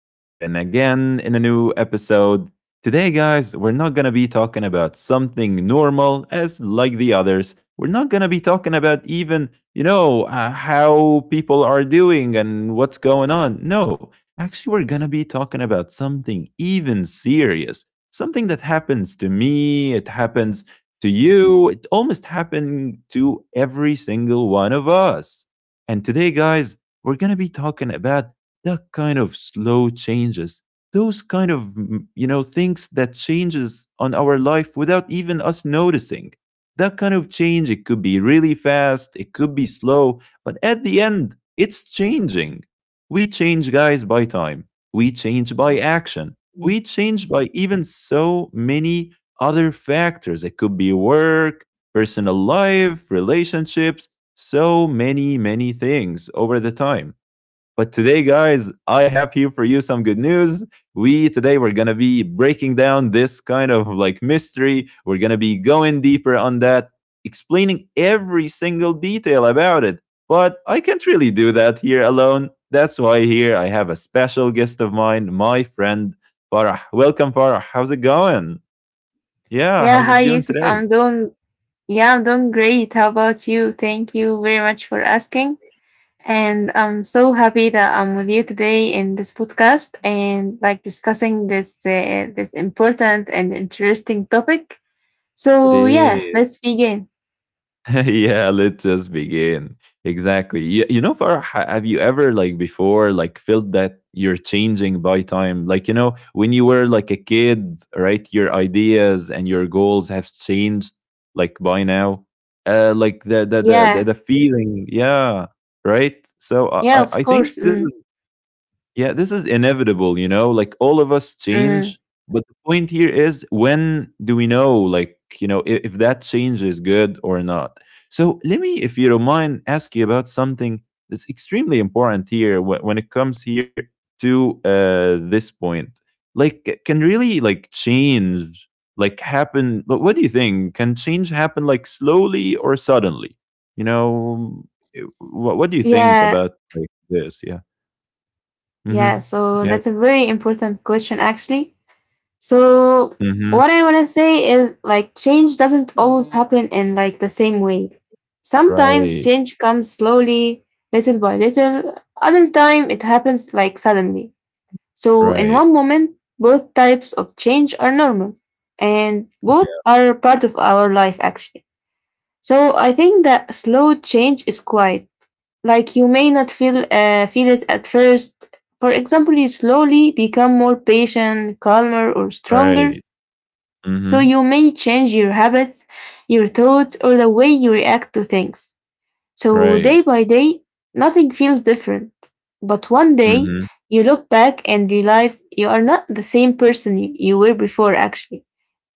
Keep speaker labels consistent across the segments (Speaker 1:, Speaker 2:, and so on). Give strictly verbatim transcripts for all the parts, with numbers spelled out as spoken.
Speaker 1: back here, and again in a new episode. Today, guys, we're not gonna be talking about something normal as like the others. We're not gonna be talking about even, you know, uh, how people are doing and what's going on. No, actually, we're gonna be talking about something even serious. Something that happens to me, it happens to you, it almost happened to every single one of us. And today, guys, we're going to be talking about that kind of slow changes, those kind of mm, you know things that changes on our life without even us noticing. That kind of change, it could be really fast, it could be slow, but at the end it's changing. We change, guys, by time. We change by action. We change by even so many other factors. It could be work, personal life, relationships, so many, many things over the time. But today, guys, I have here for you some good news. We today we're gonna be breaking down this kind of like mystery. We're gonna be going deeper on that, explaining every single detail about it. But I can't really do that here alone. That's why here I have a special guest of mine, my friend Farah. Welcome, Farah. How's it going? Yeah,
Speaker 2: Yeah,
Speaker 1: how's
Speaker 2: hi
Speaker 1: it doing
Speaker 2: Yusuf.
Speaker 1: today?
Speaker 2: I'm doing yeah, I'm doing great. How about you? Thank you very much for asking. And I'm so happy that I'm with you today in this podcast and like discussing this uh, this important and interesting topic.
Speaker 1: It
Speaker 2: So yeah,
Speaker 1: is.
Speaker 2: let's begin.
Speaker 1: Yeah, let's just begin. Exactly. You, you know, Farah, ha- have you ever like before like felt that you're changing by time? Like you know, when you were like a kid, right? Your ideas and your goals have changed like by now. Uh, like the the the the,
Speaker 2: Yeah,
Speaker 1: the feeling, yeah, right. So I
Speaker 2: yeah,
Speaker 1: I
Speaker 2: of
Speaker 1: I think
Speaker 2: course.
Speaker 1: this
Speaker 2: Mm,
Speaker 1: is, yeah, this is inevitable, you know, like all of us
Speaker 2: mm.
Speaker 1: change. But the point here is when do we know, like, you know, if, if that change is good or not? So let me, if you don't mind, ask you about something that's extremely important here when, when it comes here to uh, this point. Like, c- can really like change like happen? But what do you think? Can change happen like slowly or suddenly? You know, what, what do you think
Speaker 2: Yeah,
Speaker 1: about like this? Yeah.
Speaker 2: yeah.
Speaker 1: Mhm.
Speaker 2: So
Speaker 1: Yes.
Speaker 2: that's a very important question, actually. So
Speaker 1: Mhm.
Speaker 2: what I want to say is like change doesn't always happen in like the same way. Sometimes
Speaker 1: Right.
Speaker 2: change comes slowly, little by little. Other time it happens like suddenly. So in
Speaker 1: Right.
Speaker 2: one moment, both types of change are normal and both are part of our life actually. So I think that slow change is quiet. Like you may not feel uh, feel it at first. For example, you slowly become more patient, calmer, or stronger,
Speaker 1: Right.
Speaker 2: so
Speaker 1: Mhm.
Speaker 2: you may change your habits, your thoughts, or the way you react to things. So day
Speaker 1: Right.
Speaker 2: by day, nothing feels different. But one day,
Speaker 1: Mhm.
Speaker 2: you look back and realize you are not the same person you, you were before, actually.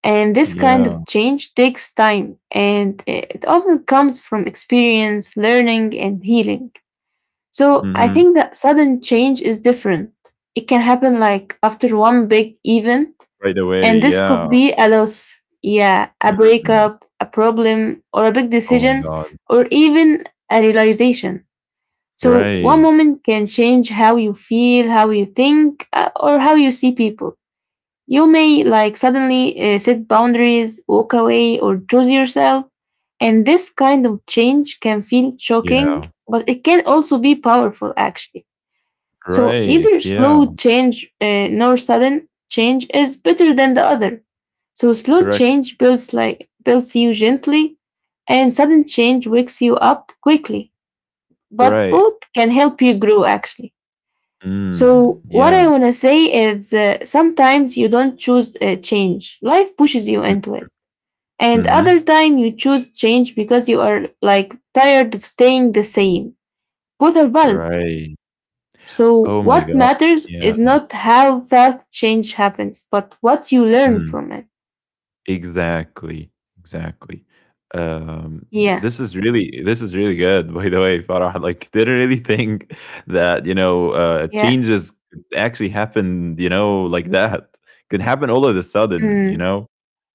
Speaker 2: And this kind
Speaker 1: Yeah.
Speaker 2: of change takes time, and it often comes from experience, learning, and healing. So I
Speaker 1: Mhm.
Speaker 2: think that sudden change is different. It can happen like after one big event,
Speaker 1: Right away.
Speaker 2: and this could
Speaker 1: Yeah.
Speaker 2: be a loss, yeah, a
Speaker 1: Mhm.
Speaker 2: breakup, a problem, or a big
Speaker 1: Oh my
Speaker 2: decision,
Speaker 1: God.
Speaker 2: or even a realization. So one
Speaker 1: Right.
Speaker 2: moment can change how you feel, how you think, uh, or how you see people. You may like suddenly uh, set boundaries, walk away, or choose yourself. And this kind of change can feel shocking,
Speaker 1: Yeah.
Speaker 2: but it can also be powerful, actually. So
Speaker 1: Right.
Speaker 2: neither
Speaker 1: Yeah.
Speaker 2: slow change uh, nor sudden change is better than the other. So slow
Speaker 1: Correct.
Speaker 2: change builds like builds you gently, and sudden change wakes you up quickly. But
Speaker 1: Right.
Speaker 2: both can help you grow actually.
Speaker 1: Mm.
Speaker 2: So what
Speaker 1: Yeah.
Speaker 2: I wanna say is uh, sometimes you don't choose uh, change. Life pushes you
Speaker 1: Mm.
Speaker 2: into it. And other
Speaker 1: Mhm.
Speaker 2: time you choose change because you are like tired of staying the same. Both are valid.
Speaker 1: Right.
Speaker 2: So
Speaker 1: Oh my
Speaker 2: what
Speaker 1: God.
Speaker 2: matters
Speaker 1: Yeah.
Speaker 2: is not how fast change happens, but what you learn
Speaker 1: Mhm.
Speaker 2: from it.
Speaker 1: Exactly, exactly. Um, th-
Speaker 2: Yeah,
Speaker 1: this is really this is really good, by the way, Farah. Like, didn't really think that you know uh,
Speaker 2: yeah,
Speaker 1: changes could actually happen. You know, like that could happen all of a sudden. You
Speaker 2: mm,
Speaker 1: know,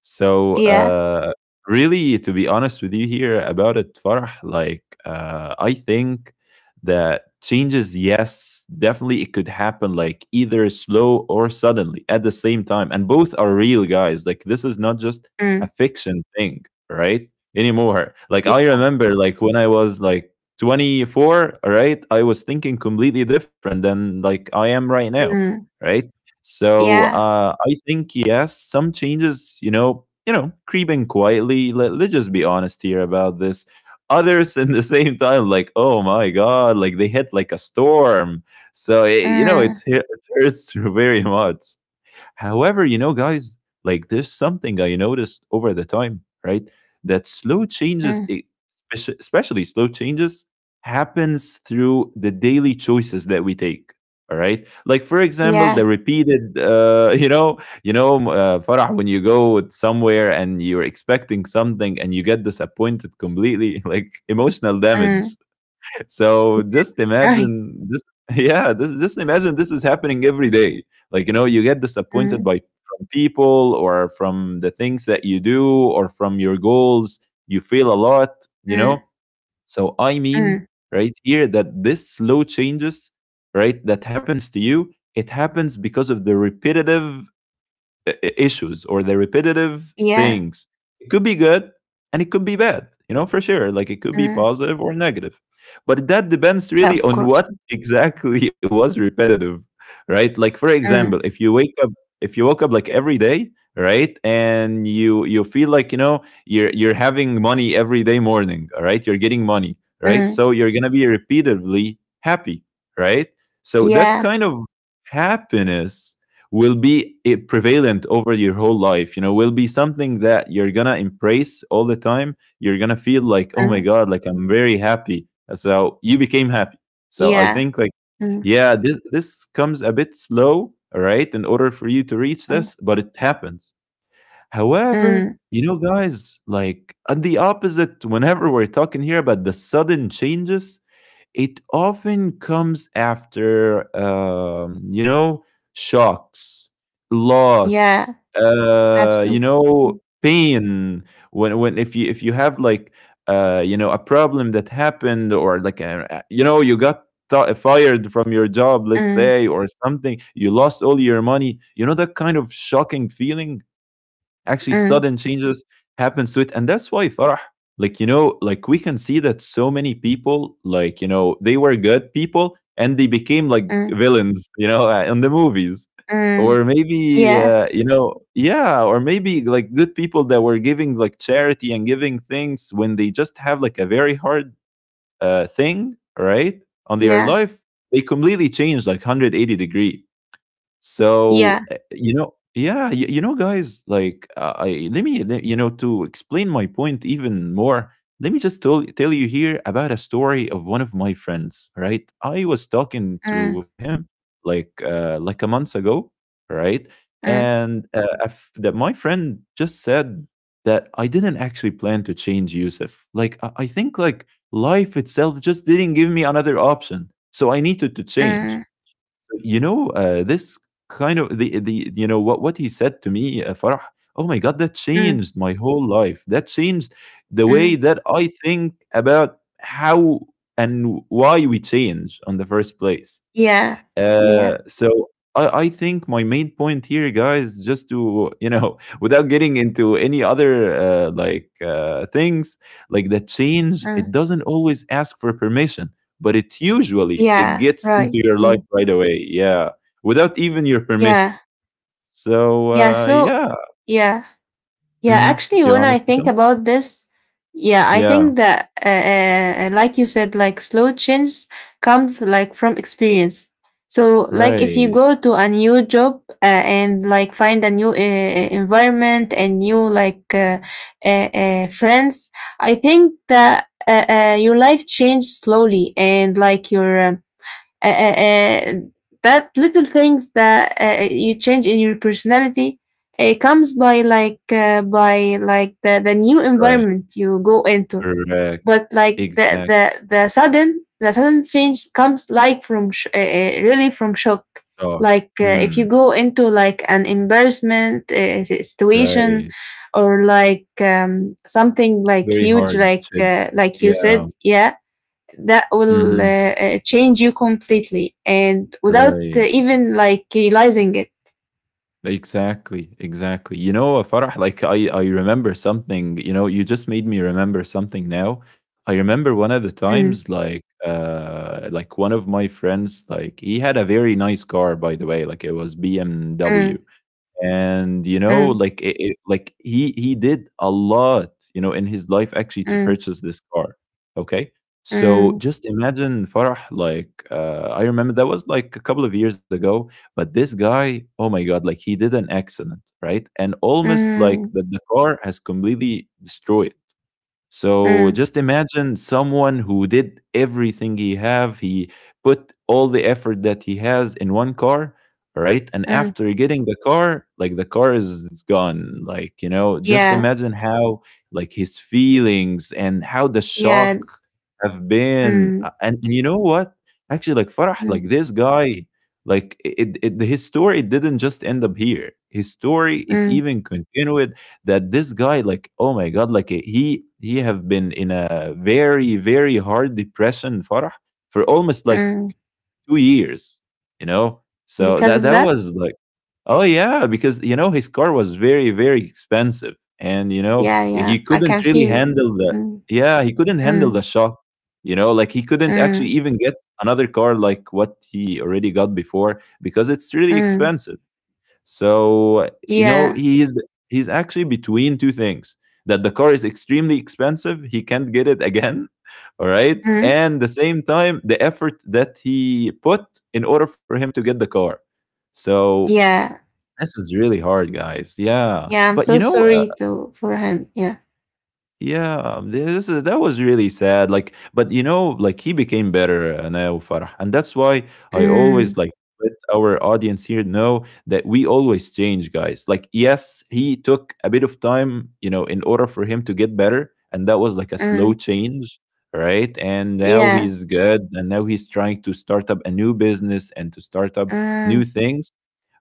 Speaker 1: so
Speaker 2: yeah,
Speaker 1: uh, really, to be honest with you here about it, Farah, like uh, I think that changes, yes, definitely it could happen like either slow or suddenly at the same time, and both are real, guys. Like, this is not just a
Speaker 2: mm,
Speaker 1: fiction thing, right, anymore. Like,
Speaker 2: y-
Speaker 1: I remember, like when I was like twenty-four, right, I was thinking completely different than like I am right now,
Speaker 2: mm,
Speaker 1: right. So
Speaker 2: yeah,
Speaker 1: uh I think, yes, some changes, you know you know creeping quietly. Let, let's just be honest here about this. Others in the same time, like, oh my God, like they hit like a storm. So eh, you know
Speaker 2: mm,
Speaker 1: it, hu- it hurts very much. However, you know, guys, like there's something I noticed over the time, right? That slow changes,
Speaker 2: mm,
Speaker 1: e- speci- especially slow changes, happens through the daily choices that we take. All right, like for example,
Speaker 2: yeah,
Speaker 1: the repeated, uh, you know, you know, m- uh, Farah, when you go somewhere and you're expecting something and you get disappointed completely, like emotional
Speaker 2: mm,
Speaker 1: damage. So just
Speaker 2: right,
Speaker 1: imagine this. Yeah, this, just imagine this is happening every day. Like you know, you get disappointed
Speaker 2: mm,
Speaker 1: by from people or from the things that you do or from your goals. You feel a lot, you
Speaker 2: mm,
Speaker 1: know. So I mean,
Speaker 2: mm,
Speaker 1: right here, that this slow changes, right, that happens to you, it happens because of the repetitive issues or the repetitive
Speaker 2: yeah,
Speaker 1: things. It could be good and it could be bad, you know, for sure. Like it could be
Speaker 2: mm,
Speaker 1: positive or negative. But that depends
Speaker 2: yeah,
Speaker 1: really
Speaker 2: of
Speaker 1: on
Speaker 2: course,
Speaker 1: what exactly was repetitive, right? Like for example,
Speaker 2: mm,
Speaker 1: if you wake up if you woke up like every day, right? And you you feel like, you know, you're you're having money every day morning, all right? You're getting money, right?
Speaker 2: mm,
Speaker 1: So you're going to be repeatedly happy, right? So that
Speaker 2: yeah,
Speaker 1: kind of happiness will be eh, prevalent over your whole life, you know, will be something that you're gonna embrace all the time. You're gonna feel like, oh my
Speaker 2: mm,
Speaker 1: God, like I'm very happy. So you became happy. So I
Speaker 2: yeah,
Speaker 1: think, like,
Speaker 2: mm,
Speaker 1: yeah, this this comes a bit slow, all right, in order for you to reach
Speaker 2: mm,
Speaker 1: this, but it happens. However,
Speaker 2: mm,
Speaker 1: you know guys, like on the opposite whenever we're talking here about the sudden changes, it often comes after, um, you know, shocks, loss,
Speaker 2: yeah,
Speaker 1: uh, you
Speaker 2: absolutely,
Speaker 1: know,
Speaker 2: mm,
Speaker 1: pain. When when, if you if you have like uh, you know a problem that happened or like a, a- you know you got t- fired from your job, let's
Speaker 2: mm,
Speaker 1: say, or something, you lost all your money. You know that kind of shocking feeling. Actually,
Speaker 2: mm,
Speaker 1: sudden changes happens to it, and that's why, Farah, like, you know, like we can see that so many people, like, you know, they were good people and they became like
Speaker 2: mm,
Speaker 1: villains, you know, uh, in the movies,
Speaker 2: mm,
Speaker 1: or maybe
Speaker 2: yeah,
Speaker 1: uh, you know, yeah, or maybe like good people that were giving like charity and giving things when they just have like a very hard uh, thing, right, on their
Speaker 2: yeah,
Speaker 1: life, they completely change like one hundred eighty degree.
Speaker 2: yeah,
Speaker 1: So, uh, you know yeah, you you know, guys, like, uh, I let me, le you know, to explain my point even more, let me just tell tell you here about a story of one of my friends, right? I was talking
Speaker 2: mm,
Speaker 1: to him like, uh, like a month ago, right?
Speaker 2: mm,
Speaker 1: And, uh, a f that my friend just said that I didn't actually plan to change, Yusuf. Like, I I think, like, life itself just didn't give me another option, so I needed to change,
Speaker 2: mm,
Speaker 1: you know, uh, this kind of the the you know what what he said to me, uh, Farah. Oh my God, that
Speaker 2: mm.
Speaker 1: changed my whole life. That changed the way
Speaker 2: Mm.
Speaker 1: that I think about how and why we change on the first place.
Speaker 2: Yeah. Yeah.
Speaker 1: Uh, so I, I think my main point here, guys, just to you know, without getting into any other uh, like uh, things, like the change, it
Speaker 2: Mm.
Speaker 1: doesn't always ask for permission, but it usually it
Speaker 2: Yeah.
Speaker 1: gets
Speaker 2: Right.
Speaker 1: into your
Speaker 2: Mm.
Speaker 1: life right away. Yeah, without even your permission.
Speaker 2: Yeah.
Speaker 1: So
Speaker 2: Yeah.
Speaker 1: uh,
Speaker 2: So,
Speaker 1: yeah,
Speaker 2: yeah. Yeah.
Speaker 1: mm-hmm.
Speaker 2: Actually,
Speaker 1: You
Speaker 2: when
Speaker 1: want to
Speaker 2: I
Speaker 1: say
Speaker 2: think
Speaker 1: something?
Speaker 2: about this, yeah, I
Speaker 1: Yeah,
Speaker 2: think that, uh, uh, uh, like you said, like slow change comes like from experience. So like if you
Speaker 1: right,
Speaker 2: go to a new job uh, and like find a new uh, uh, environment and new like uh, uh, uh, friends, I think that uh, uh, your life changed slowly and like your um, uh, uh, uh, that little things that uh, you change in your personality, it comes by like uh, by like the, the new
Speaker 1: right,
Speaker 2: environment you go into.
Speaker 1: correct,
Speaker 2: But like the
Speaker 1: exact
Speaker 2: the, the sudden the sudden change comes like from sh- uh, uh, really from shock,
Speaker 1: shock.
Speaker 2: like uh,
Speaker 1: Hmm.
Speaker 2: if you go into like an embarrassment uh, si- situation,
Speaker 1: Right,
Speaker 2: or like um, something like
Speaker 1: very
Speaker 2: huge
Speaker 1: hard
Speaker 2: like
Speaker 1: chip.
Speaker 2: uh, like you
Speaker 1: Yeah.
Speaker 2: said, yeah, that will
Speaker 1: Mhm.
Speaker 2: uh, uh, change you completely and without uh,
Speaker 1: Right.
Speaker 2: even like realizing it.
Speaker 1: Exactly, exactly. You know, uh, Farah, like I, I remember something, you know, you just made me remember something now. I remember one of the
Speaker 2: Mm,
Speaker 1: times, like, uh, like one of my friends, like he had a very nice car, by the way, like it was B M W.
Speaker 2: mm,
Speaker 1: And you know
Speaker 2: mm,
Speaker 1: like it, it- like he he did a lot you know in his life, actually, to
Speaker 2: mm,
Speaker 1: purchase this car. Okay, so
Speaker 2: mm,
Speaker 1: just imagine, Farah. Like, uh, I remember that was like a couple of years ago. But this guy, oh my God, like he did an accident, right, and almost like
Speaker 2: mm,
Speaker 1: the, the car has completely destroyed. So
Speaker 2: mm,
Speaker 1: just imagine someone who did everything he have. He put all the effort that he has in one car, all right? And
Speaker 2: mm.
Speaker 1: after getting the car, like the car is it's gone. Like, you know, just
Speaker 2: Yeah,
Speaker 1: imagine how like his feelings and how the
Speaker 2: yeah.
Speaker 1: shock have been.
Speaker 2: Mm,
Speaker 1: Uh, And, and you know what? Actually, like, Farah,
Speaker 2: mm,
Speaker 1: like this guy, like it, it, his story didn't just end up here. His story, it
Speaker 2: mm,
Speaker 1: even continued, that this guy, like oh my God, like he he have been in a very very hard depression, Farah, for almost like
Speaker 2: mm.
Speaker 1: two years. You know so
Speaker 2: Because
Speaker 1: that
Speaker 2: of
Speaker 1: that
Speaker 2: that,
Speaker 1: was like, oh yeah, because you know his car was very very expensive. And you know
Speaker 2: yeah, yeah,
Speaker 1: he
Speaker 2: I
Speaker 1: couldn't
Speaker 2: can
Speaker 1: really
Speaker 2: feel.
Speaker 1: handle the
Speaker 2: Mm,
Speaker 1: yeah, he couldn't handle
Speaker 2: mm,
Speaker 1: the shock, you know like he couldn't actually
Speaker 2: mm,
Speaker 1: even get another car like what he already got before because it's really
Speaker 2: mm.
Speaker 1: expensive. So, you know,
Speaker 2: Yeah,
Speaker 1: he is he's actually between two things. That the car is extremely expensive, he can't get it again, all right?
Speaker 2: mm,
Speaker 1: And the same time, the effort that he put in order for him to get the car. So,
Speaker 2: yeah,
Speaker 1: this is really hard, guys. Yeah.
Speaker 2: yeah. I'm
Speaker 1: But
Speaker 2: so
Speaker 1: you know,
Speaker 2: sorry to for him. Yeah.
Speaker 1: yeah, um, this is, that was really sad. Like, but you know, like he became better uh, now, Farah, and that's why I
Speaker 2: Mm,
Speaker 1: always like let our audience here know that we always change, guys. Like, yes, he took a bit of time, you know, in order for him to get better, and that was like a slow
Speaker 2: mm,
Speaker 1: change, right? And now
Speaker 2: yeah.
Speaker 1: he's good, and now he's trying to start up a new business and to start up new
Speaker 2: Mm,
Speaker 1: things.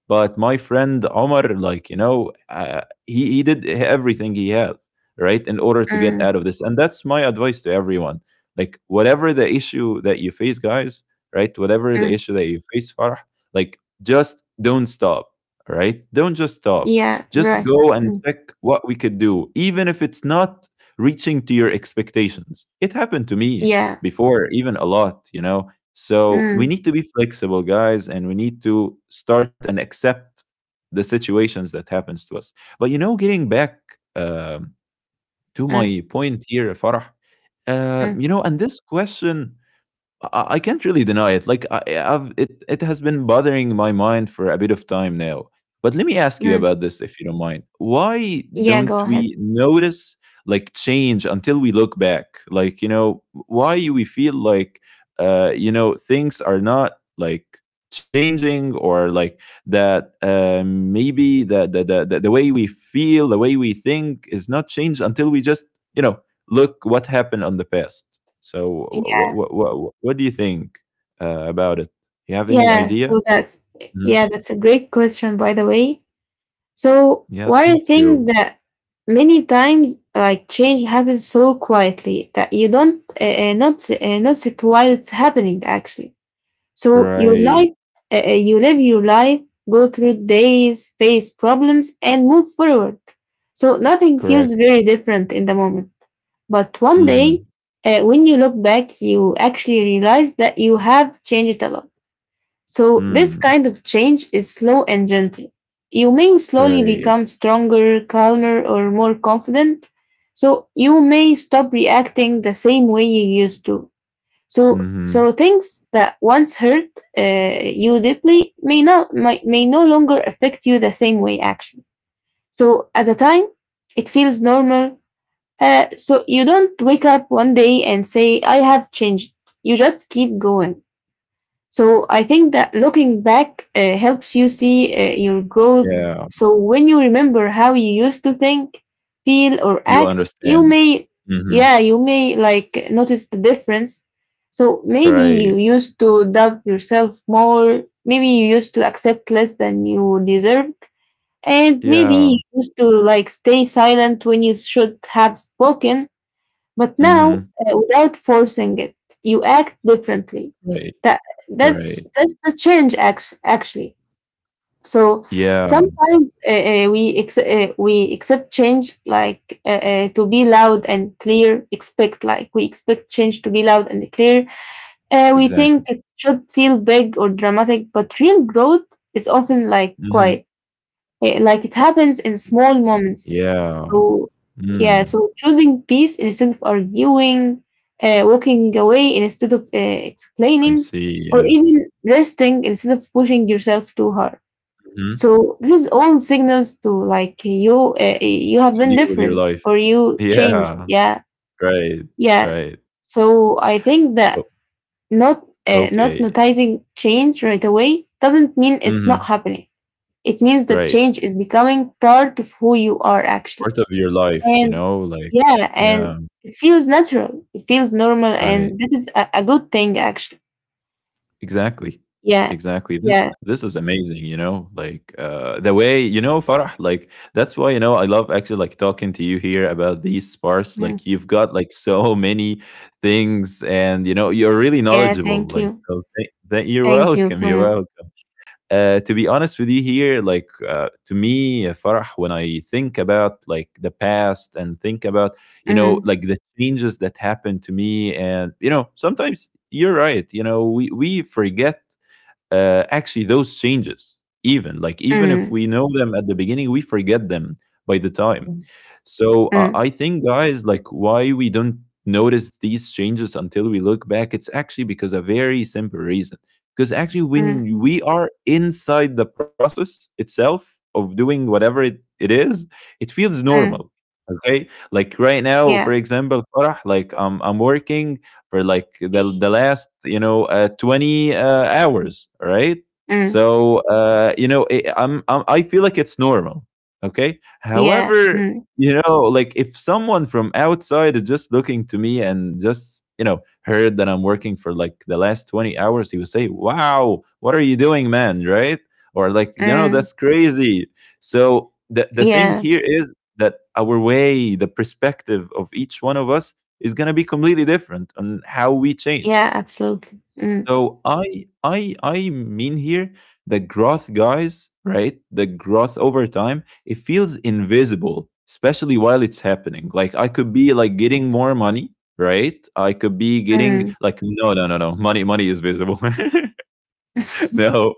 Speaker 1: But my friend Omar, like you know, uh, he he did everything he had right in order to get
Speaker 2: mm,
Speaker 1: out of this, and that's my advice to everyone. Like whatever the issue that you face, guys, right? Whatever the
Speaker 2: mm.
Speaker 1: issue that you face, Farah, like just don't stop, right? Don't just stop.
Speaker 2: Yeah,
Speaker 1: Just
Speaker 2: right.
Speaker 1: go and
Speaker 2: Mm,
Speaker 1: check what we could do, even if it's not reaching to your expectations. It happened to me
Speaker 2: yeah.
Speaker 1: before, even a lot, you know so we
Speaker 2: Mm,
Speaker 1: need to be flexible, guys, and we need to start and accept the situations that happens to us. But you know, getting back um to
Speaker 2: mm,
Speaker 1: my point here, Farah, uh,
Speaker 2: mm,
Speaker 1: you know, and this question I I can't really deny it. Like I, I've, it, it has been bothering my mind for a bit of time now. But let me ask you
Speaker 2: mm.
Speaker 1: about this, if you don't mind. Why
Speaker 2: Yeah,
Speaker 1: don't
Speaker 2: go ahead.
Speaker 1: we notice like change until we look back? Like you know, why we feel like uh, you know things are not like changing or like that uh, maybe the the, the the the way we feel the way we think is not changed until we just you know look what happened on the past. So,
Speaker 2: Yeah.
Speaker 1: what what what, what do you think uh, about it? You have any
Speaker 2: Yeah,
Speaker 1: idea?
Speaker 2: so that's
Speaker 1: Mhm.
Speaker 2: yeah, that's a great question, by the way. So
Speaker 1: Yeah,
Speaker 2: why I
Speaker 1: thank
Speaker 2: think
Speaker 1: you.
Speaker 2: that many times like change happens so quietly that you don't uh, uh, not uh, notice it while it's happening actually. So your
Speaker 1: Right,
Speaker 2: life, uh, uh, you live your life, go through days, face problems, and move forward. So nothing
Speaker 1: correct.
Speaker 2: feels very different in the moment. But one day,
Speaker 1: Mm-hmm.
Speaker 2: uh, when you look back, you actually realize that you have changed a lot. So this
Speaker 1: Mm,
Speaker 2: kind of change is slow and gentle. You may slowly
Speaker 1: right.
Speaker 2: become stronger, calmer, or more confident. So you may stop reacting the same way you used to. So,
Speaker 1: Mm-hmm.
Speaker 2: so things that once hurt uh, you deeply may not might, may no longer affect you the same way. Actually, so at the time, it feels normal. Uh, so you don't wake up one day and say, "I have changed." You just keep going. So I think that looking back uh, helps you see uh, your growth.
Speaker 1: Yeah,
Speaker 2: So when you remember how you used to think, feel, or
Speaker 1: you
Speaker 2: act, you
Speaker 1: understand.
Speaker 2: may,
Speaker 1: Mm-hmm.
Speaker 2: yeah, you may like notice the difference. So maybe you
Speaker 1: Right.
Speaker 2: used to doubt yourself more. Maybe you used to accept less than you deserved. And maybe
Speaker 1: Yeah.
Speaker 2: you used to like stay silent when you should have spoken. But now,
Speaker 1: Mm-hmm.
Speaker 2: uh, without forcing it, you act differently.
Speaker 1: Right.
Speaker 2: That that's
Speaker 1: Right.
Speaker 2: that's the change, act- actually. So
Speaker 1: Yeah.
Speaker 2: sometimes uh, uh, we ex- uh, we accept change like uh, uh, to be loud and clear. Expect like we expect change to be loud and clear. Uh, we
Speaker 1: Exactly.
Speaker 2: think it should feel big or dramatic, but real growth is often like
Speaker 1: Mm-hmm.
Speaker 2: quiet. Eh, like it happens in small moments.
Speaker 1: Yeah.
Speaker 2: So yeah,
Speaker 1: Mm,
Speaker 2: so choosing peace instead of arguing, uh, walking away instead of uh,
Speaker 1: I
Speaker 2: explaining,
Speaker 1: see.
Speaker 2: or
Speaker 1: Yeah.
Speaker 2: even resting instead of pushing yourself too hard.
Speaker 1: hmm
Speaker 2: So this is all signals to like you uh, you
Speaker 1: To,
Speaker 2: have
Speaker 1: to
Speaker 2: been
Speaker 1: deal with your
Speaker 2: different
Speaker 1: life.
Speaker 2: or you changed.
Speaker 1: Yeah.
Speaker 2: Yeah,
Speaker 1: Right.
Speaker 2: yeah.
Speaker 1: Right.
Speaker 2: So I think
Speaker 1: O
Speaker 2: that not uh, not
Speaker 1: okay.
Speaker 2: noticing change right away doesn't mean it's not
Speaker 1: Mhm.
Speaker 2: happening. It means that
Speaker 1: Right.
Speaker 2: change is becoming part of who you are actually.
Speaker 1: Part of your life, you
Speaker 2: And
Speaker 1: know, like
Speaker 2: yeah, and
Speaker 1: yeah,
Speaker 2: it feels natural. It feels normal, and
Speaker 1: right.
Speaker 2: this is a, a good thing actually.
Speaker 1: Exactly.
Speaker 2: Yeah.
Speaker 1: Exactly. This
Speaker 2: Yeah.
Speaker 1: this is amazing, you know, like, uh, the way you know, Farah, like, that's why, you know, I love actually, like, talking to you here about these parts,
Speaker 2: Mm.
Speaker 1: like, you've got, like, so many things and, you know, you're really
Speaker 2: Yeah,
Speaker 1: knowledgeable,
Speaker 2: thank
Speaker 1: like,
Speaker 2: you.
Speaker 1: so tha tha you're
Speaker 2: Thank you
Speaker 1: welcome,
Speaker 2: so
Speaker 1: you're
Speaker 2: much.
Speaker 1: welcome. Uh, to be honest with you here, like uh, to me, Farah, when I think about like the past and think about, you know,
Speaker 2: Mm.
Speaker 1: like the changes that happened to me, and you know, sometimes you're right. You know, we we forget uh, actually those changes. Even like even if
Speaker 2: Mm.
Speaker 1: we know them at the beginning, we forget them by the time. So uh,
Speaker 2: Mm,
Speaker 1: I think, guys, like why we don't notice these changes until we look back, it's actually because a very simple reason. Because actually,
Speaker 2: mm,
Speaker 1: when we are inside the process itself of doing whatever it, it is, it feels
Speaker 2: mm,
Speaker 1: normal. Okay, like right now, for
Speaker 2: yeah,
Speaker 1: example, Farah, like am I'm working for like the, the last you know uh, twenty uh, hours, right?
Speaker 2: mm,
Speaker 1: So uh, you know, it, I'm, I'm I feel like it's normal. Okay,
Speaker 2: yeah,
Speaker 1: However,
Speaker 2: mm,
Speaker 1: you know, like if someone from outside is just looking to me and just, you know, heard that I'm working for like the last twenty hours, he would say, "Wow, what are you doing, man?" Right? Or like, you
Speaker 2: mm,
Speaker 1: know, that's crazy. So the, the thing
Speaker 2: yeah,
Speaker 1: here is that our way, the perspective of each one of us is going to be completely different on how we change.
Speaker 2: yeah, absolutely. Mm,
Speaker 1: So I I I mean here the growth guys, right? The growth over time, it feels invisible, especially while it's happening. Like I could be like getting more money, right? I could be getting
Speaker 2: mm,
Speaker 1: like no, no, no, no money money is visible. No,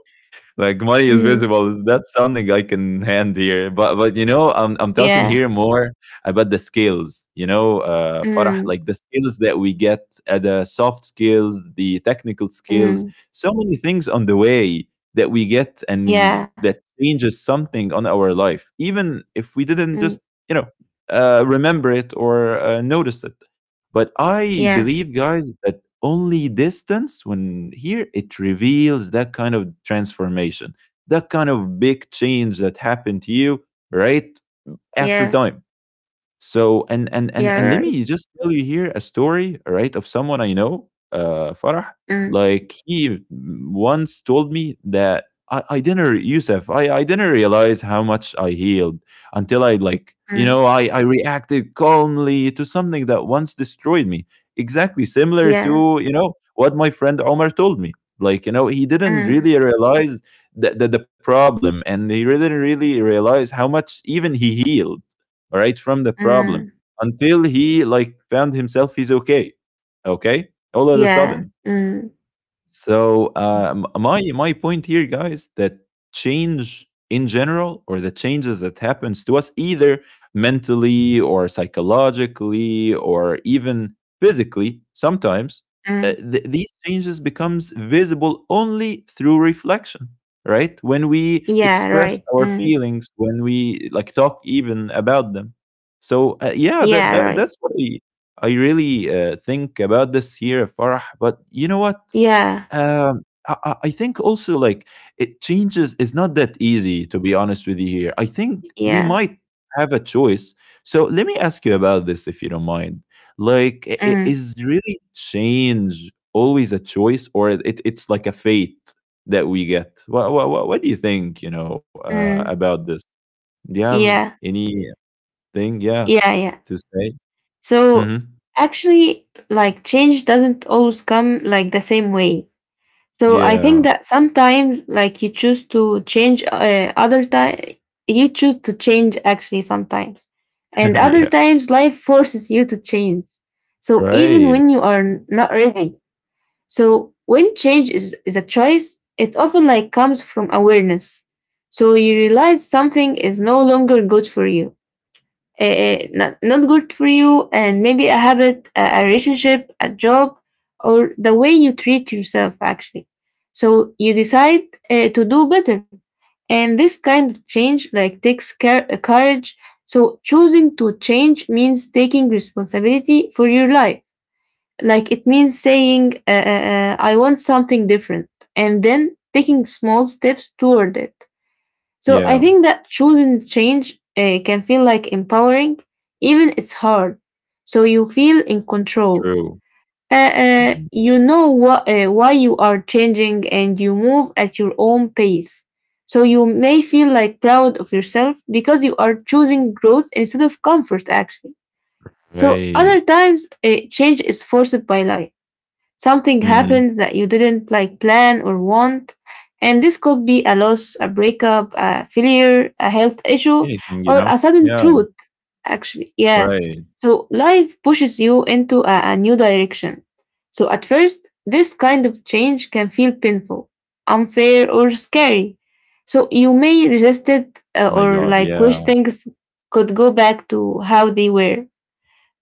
Speaker 1: like money is
Speaker 2: mm,
Speaker 1: visible. That's something I can hand here. But but you know, I'm I'm talking
Speaker 2: yeah,
Speaker 1: here more about the skills. You know, uh, Farah, like
Speaker 2: mm,
Speaker 1: the skills that we get, uh, the soft skills, the technical skills,
Speaker 2: mm,
Speaker 1: so many things on the way that we get and
Speaker 2: yeah,
Speaker 1: that changes something on our life, even if we didn't
Speaker 2: mm,
Speaker 1: just you know uh, remember it or uh, notice it. But I
Speaker 2: yeah,
Speaker 1: believe, guys, that only distance when here it reveals that kind of transformation, that kind of big change that happened to you right after
Speaker 2: yeah,
Speaker 1: time. So and and and
Speaker 2: yeah,
Speaker 1: and let
Speaker 2: right.
Speaker 1: me just tell you here a story, right, of someone I know, uh, Farah.
Speaker 2: Mm.
Speaker 1: Like he once told me that, I, I didn't, re- "Yusuf, I, I didn't realize how much I healed until I like, you
Speaker 2: Mm,
Speaker 1: know, I, I reacted calmly to something that once destroyed me." Exactly similar
Speaker 2: yeah.
Speaker 1: to, you know, what my friend Omar told me. Like, you know, he didn't
Speaker 2: Mm,
Speaker 1: really realize the, the, the problem and he didn't really realize how much even he healed, all right, from the problem
Speaker 2: mm,
Speaker 1: until he like found himself he's okay, okay, all of a
Speaker 2: yeah.
Speaker 1: sudden.
Speaker 2: Mm,
Speaker 1: So uh, my my point here, guys, that change in general, or the changes that happens to us, either mentally or psychologically or even physically, sometimes uh,
Speaker 2: mm,
Speaker 1: th- these changes becomes visible only through reflection. Right when we
Speaker 2: yeah,
Speaker 1: express
Speaker 2: right.
Speaker 1: our
Speaker 2: Mm,
Speaker 1: feelings, when we like talk even about them. So uh, yeah, that,
Speaker 2: yeah,
Speaker 1: that
Speaker 2: right.
Speaker 1: that's what I I really uh, think about this here, Farah. But you know what?
Speaker 2: Yeah,
Speaker 1: Um, I, I I think also like it changes is not that easy to be honest with you here. I think we
Speaker 2: yeah.
Speaker 1: might have a choice. So let me ask you about this if you don't mind. Like i- i-
Speaker 2: Mm,
Speaker 1: is really change always a choice or it, it's like a fate that we get? What what what, what do you think, you know, uh,
Speaker 2: mm,
Speaker 1: about this? Do you have
Speaker 2: yeah,
Speaker 1: anything, yeah,
Speaker 2: yeah, yeah.
Speaker 1: to say?
Speaker 2: So
Speaker 1: Mhm.
Speaker 2: actually, like change doesn't always come like the same way. So I think
Speaker 1: Yeah.
Speaker 2: that sometimes, like you choose to change, uh, other time you choose to change actually sometimes, and other
Speaker 1: yeah.
Speaker 2: times life forces you to change. So even
Speaker 1: Right.
Speaker 2: when you are n- not ready. So when change is, is a choice, it often like comes from awareness. So you realize something is no longer good for you. Eh, eh, not, not good for you and maybe a habit, a, a relationship, a job, or the way you treat yourself actually. So you decide eh, to do better. And this kind of change like takes care, courage. So choosing to change means taking responsibility for your life. Like it means saying, uh, uh, uh, I want something different, and then taking small steps toward it. So I
Speaker 1: Yeah.
Speaker 2: think that choosing change uh, can feel like empowering, even it's hard. So you feel in control.
Speaker 1: True.
Speaker 2: Uh, uh,
Speaker 1: Mhm.
Speaker 2: you know what, uh, why you are changing, and you move at your own pace. So you may feel like proud of yourself because you are choosing growth instead of comfort, actually. So
Speaker 1: Right.
Speaker 2: other times, uh, change is forced by life. Something
Speaker 1: Mhm.
Speaker 2: happens that you didn't like plan or want, and this could be a loss, a breakup, a failure, a health issue,
Speaker 1: Anything, you know?
Speaker 2: or a sudden
Speaker 1: Yeah,
Speaker 2: truth, actually. Yeah.
Speaker 1: right.
Speaker 2: So life pushes you into a, a new direction. So at first, this kind of change can feel painful, unfair, or scary. So you may resist it uh,
Speaker 1: Oh my
Speaker 2: or
Speaker 1: god,
Speaker 2: like
Speaker 1: yeah,
Speaker 2: wish things could go back to how they were.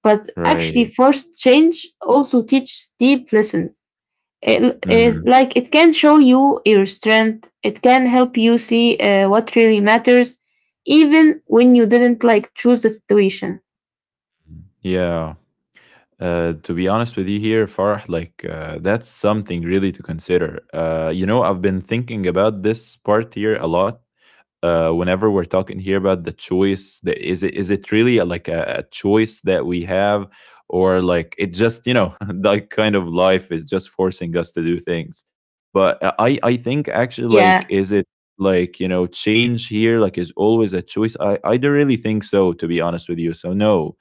Speaker 2: But actually,
Speaker 1: right.
Speaker 2: forced change also teaches deep lessons. It is
Speaker 1: Mhm.
Speaker 2: like it can show you your strength. It can help you see uh, what really matters, even when you didn't like choose the situation.
Speaker 1: Yeah. Uh, to be honest with you here, Farah, like, uh, that's something really to consider. Uh, you know, I've been thinking about this part here a lot uh, whenever we're talking here about the choice, that is it is it really a, like a, a choice that we have, or like it just you know like kind of life is just forcing us to do things, but uh, i i think actually like
Speaker 2: yeah
Speaker 1: is it like you know change here like is always a choice. I i don't really think so, to be honest with you, so no.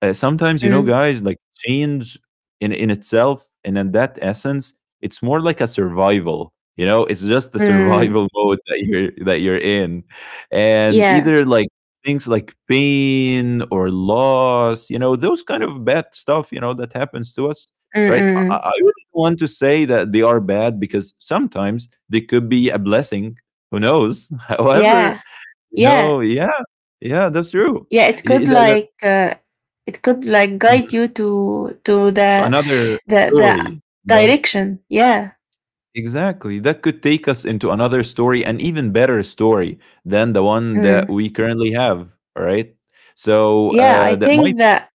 Speaker 1: uh, Sometimes, you know,
Speaker 2: mm,
Speaker 1: guys, like change in in itself and in that essence, it's more like a survival. You know, it's just the
Speaker 2: mm,
Speaker 1: survival mode that you're that you're in, and
Speaker 2: yeah
Speaker 1: either like things like pain or loss, you know, those kind of bad stuff, you know, that happens to us,
Speaker 2: mm,
Speaker 1: right? I,
Speaker 2: mm,
Speaker 1: I
Speaker 2: mm.
Speaker 1: I really don't want to say that they are bad because sometimes they could be a blessing. Who knows?
Speaker 2: Yeah,
Speaker 1: However, you
Speaker 2: yeah,
Speaker 1: know, yeah, yeah, that's true.
Speaker 2: yeah, it
Speaker 1: Y- y-
Speaker 2: could
Speaker 1: that- that-
Speaker 2: like uh, it could like guide
Speaker 1: mm-hmm.
Speaker 2: you to to
Speaker 1: To
Speaker 2: the
Speaker 1: another
Speaker 2: the the
Speaker 1: story, you know?
Speaker 2: direction. yeah
Speaker 1: Exactly. That could take us into another story, an even better story than the one that
Speaker 2: mm.
Speaker 1: we currently have. All right. So
Speaker 2: yeah i
Speaker 1: uh, that might,
Speaker 2: think that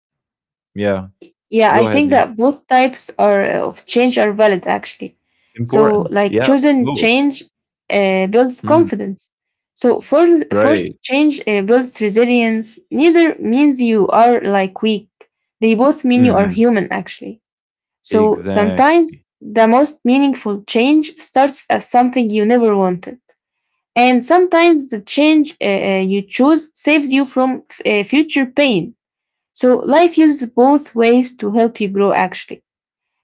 Speaker 1: yeah,
Speaker 2: Yeah, I
Speaker 1: go ahead.
Speaker 2: think
Speaker 1: Yeah.
Speaker 2: that both types are of change are valid actually. So
Speaker 1: Important.
Speaker 2: like
Speaker 1: Yeah.
Speaker 2: choosing
Speaker 1: Both.
Speaker 2: change uh, builds
Speaker 1: Mm,
Speaker 2: confidence. So forced
Speaker 1: right.
Speaker 2: forced change uh, builds resilience. Neither means you are like weak. They both mean you are
Speaker 1: hmm
Speaker 2: human actually. So sometimes
Speaker 1: Exactly.
Speaker 2: the most meaningful change starts as something you never wanted. And sometimes the change uh, uh, you choose saves you from f- uh, future pain. So life uses both ways to help you grow, actually.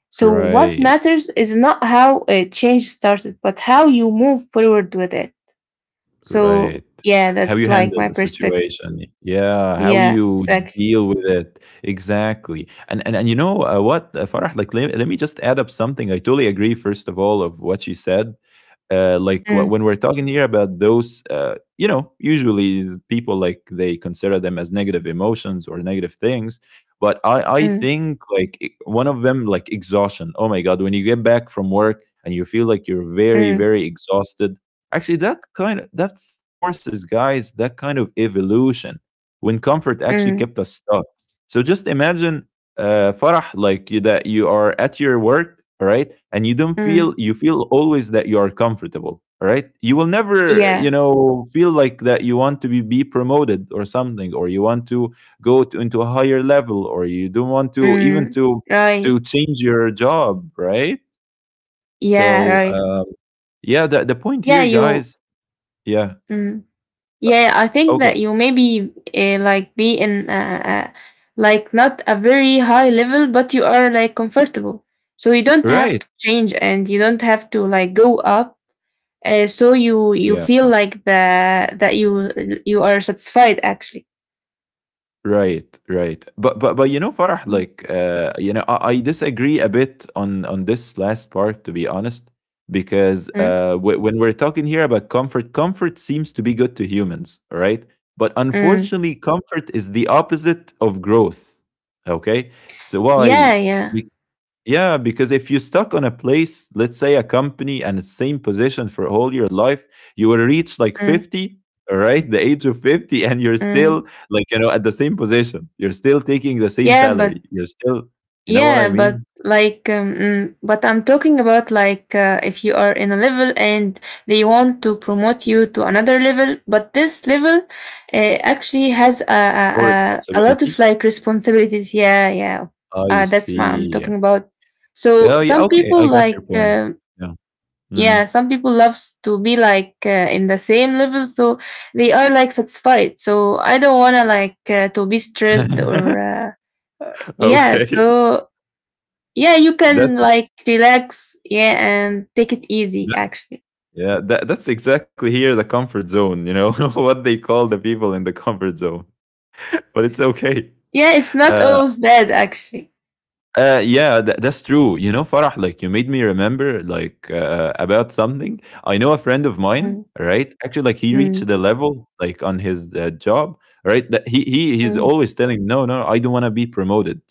Speaker 2: So what
Speaker 1: Right.
Speaker 2: matters is not how a change started, but how you move forward with it. So
Speaker 1: Right.
Speaker 2: yeah,
Speaker 1: How
Speaker 2: that's
Speaker 1: you
Speaker 2: like
Speaker 1: handle
Speaker 2: my
Speaker 1: the
Speaker 2: perspective.
Speaker 1: situation. Yeah, how
Speaker 2: Yeah,
Speaker 1: you
Speaker 2: exactly.
Speaker 1: deal with it. Exactly. And and, and you know uh, what, uh, Farah, like let, let me just add up something. I totally agree first of all of what she said. Uh, like wh-
Speaker 2: Mm,
Speaker 1: when we're talking here about those uh, you know, usually people like they consider them as negative emotions or negative things. But I, I
Speaker 2: mm,
Speaker 1: think like e- one of them, like exhaustion. Oh my god, when you get back from work and you feel like you're very,
Speaker 2: mm,
Speaker 1: very exhausted. Actually, that kind of that forces guys that kind of evolution when comfort actually
Speaker 2: mm,
Speaker 1: kept us stuck. So just imagine, uh, Farah, like you, that you are at your work, all right, and you don't
Speaker 2: mm.
Speaker 1: feel, you feel always that you are comfortable, all right. You will never, you
Speaker 2: Yeah.
Speaker 1: know, feel like that you want to be be promoted or something, or you want to go to, into a higher level, or you don't want to even
Speaker 2: Mm.
Speaker 1: to
Speaker 2: Right.
Speaker 1: to change your job, right?
Speaker 2: Yeah.
Speaker 1: So
Speaker 2: Right.
Speaker 1: um, yeah, the the point
Speaker 2: Yeah.
Speaker 1: here,
Speaker 2: You.
Speaker 1: guys. Yeah.
Speaker 2: Mm. Yeah, I think that
Speaker 1: Okay.
Speaker 2: you maybe uh, like be in uh, uh, like not a very high level, but you are like comfortable. So you don't have
Speaker 1: Right.
Speaker 2: to change and you don't have to like go up. Uh, so you you
Speaker 1: Yeah.
Speaker 2: feel like the that you you are satisfied actually.
Speaker 1: Right. Right. But but but you know, Farah,
Speaker 2: Mm.
Speaker 1: like uh, you know, I, I disagree a bit on on this last part, to be honest, because
Speaker 2: Mm.
Speaker 1: uh, w- when we're talking here about comfort, comfort seems to be good to humans, all right? But
Speaker 2: Mm.
Speaker 1: unfortunately, comfort is the opposite of growth. Okay. So why?
Speaker 2: Yeah, yeah.
Speaker 1: Yeah, because if you're stuck on a place, let's say a company and the same position for all your life, you will reach like
Speaker 2: Mm.
Speaker 1: fifty, all right, the age of fifty, and you're still
Speaker 2: Mm.
Speaker 1: like, you know, at the same position. You're still taking the same
Speaker 2: Yeah, but
Speaker 1: salary. You're still, you know what
Speaker 2: Yeah,
Speaker 1: I
Speaker 2: but
Speaker 1: mean?
Speaker 2: like, um, mm, but I'm talking about like uh, if you are in a level and they want to promote you to another level, but this level uh, actually has a, a
Speaker 1: More
Speaker 2: a a lot of
Speaker 1: responsibility.
Speaker 2: like responsibilities. Yeah, yeah,
Speaker 1: I
Speaker 2: uh, that's what I'm
Speaker 1: see.
Speaker 2: talking about. So
Speaker 1: Oh, yeah.
Speaker 2: some
Speaker 1: Okay.
Speaker 2: people
Speaker 1: I got
Speaker 2: like.
Speaker 1: your point.
Speaker 2: Um
Speaker 1: Yeah.
Speaker 2: yeah,
Speaker 1: Mhm.
Speaker 2: some people loves to be like uh, in the same level, so they are like satisfied. So I don't wanna like uh, to be stressed or uh, yeah.
Speaker 1: Okay.
Speaker 2: So yeah, you
Speaker 1: That's,
Speaker 2: can like relax, yeah, and take it easy
Speaker 1: that,
Speaker 2: actually.
Speaker 1: yeah, that, that's exactly here the comfort zone, you know, what they call the people in the comfort zone, but it's okay.
Speaker 2: Yeah, it's not
Speaker 1: Uh,
Speaker 2: always bad actually.
Speaker 1: uh, yeah, tha that's true. You know, Farah, like you made me remember like uh, uh, about something. I know a friend of mine,
Speaker 2: Mm,
Speaker 1: right? Actually, like he reached
Speaker 2: mm,
Speaker 1: the level like on his uh, job, right? That he he he's
Speaker 2: mm,
Speaker 1: always telling, no, no, I don't want to be promoted.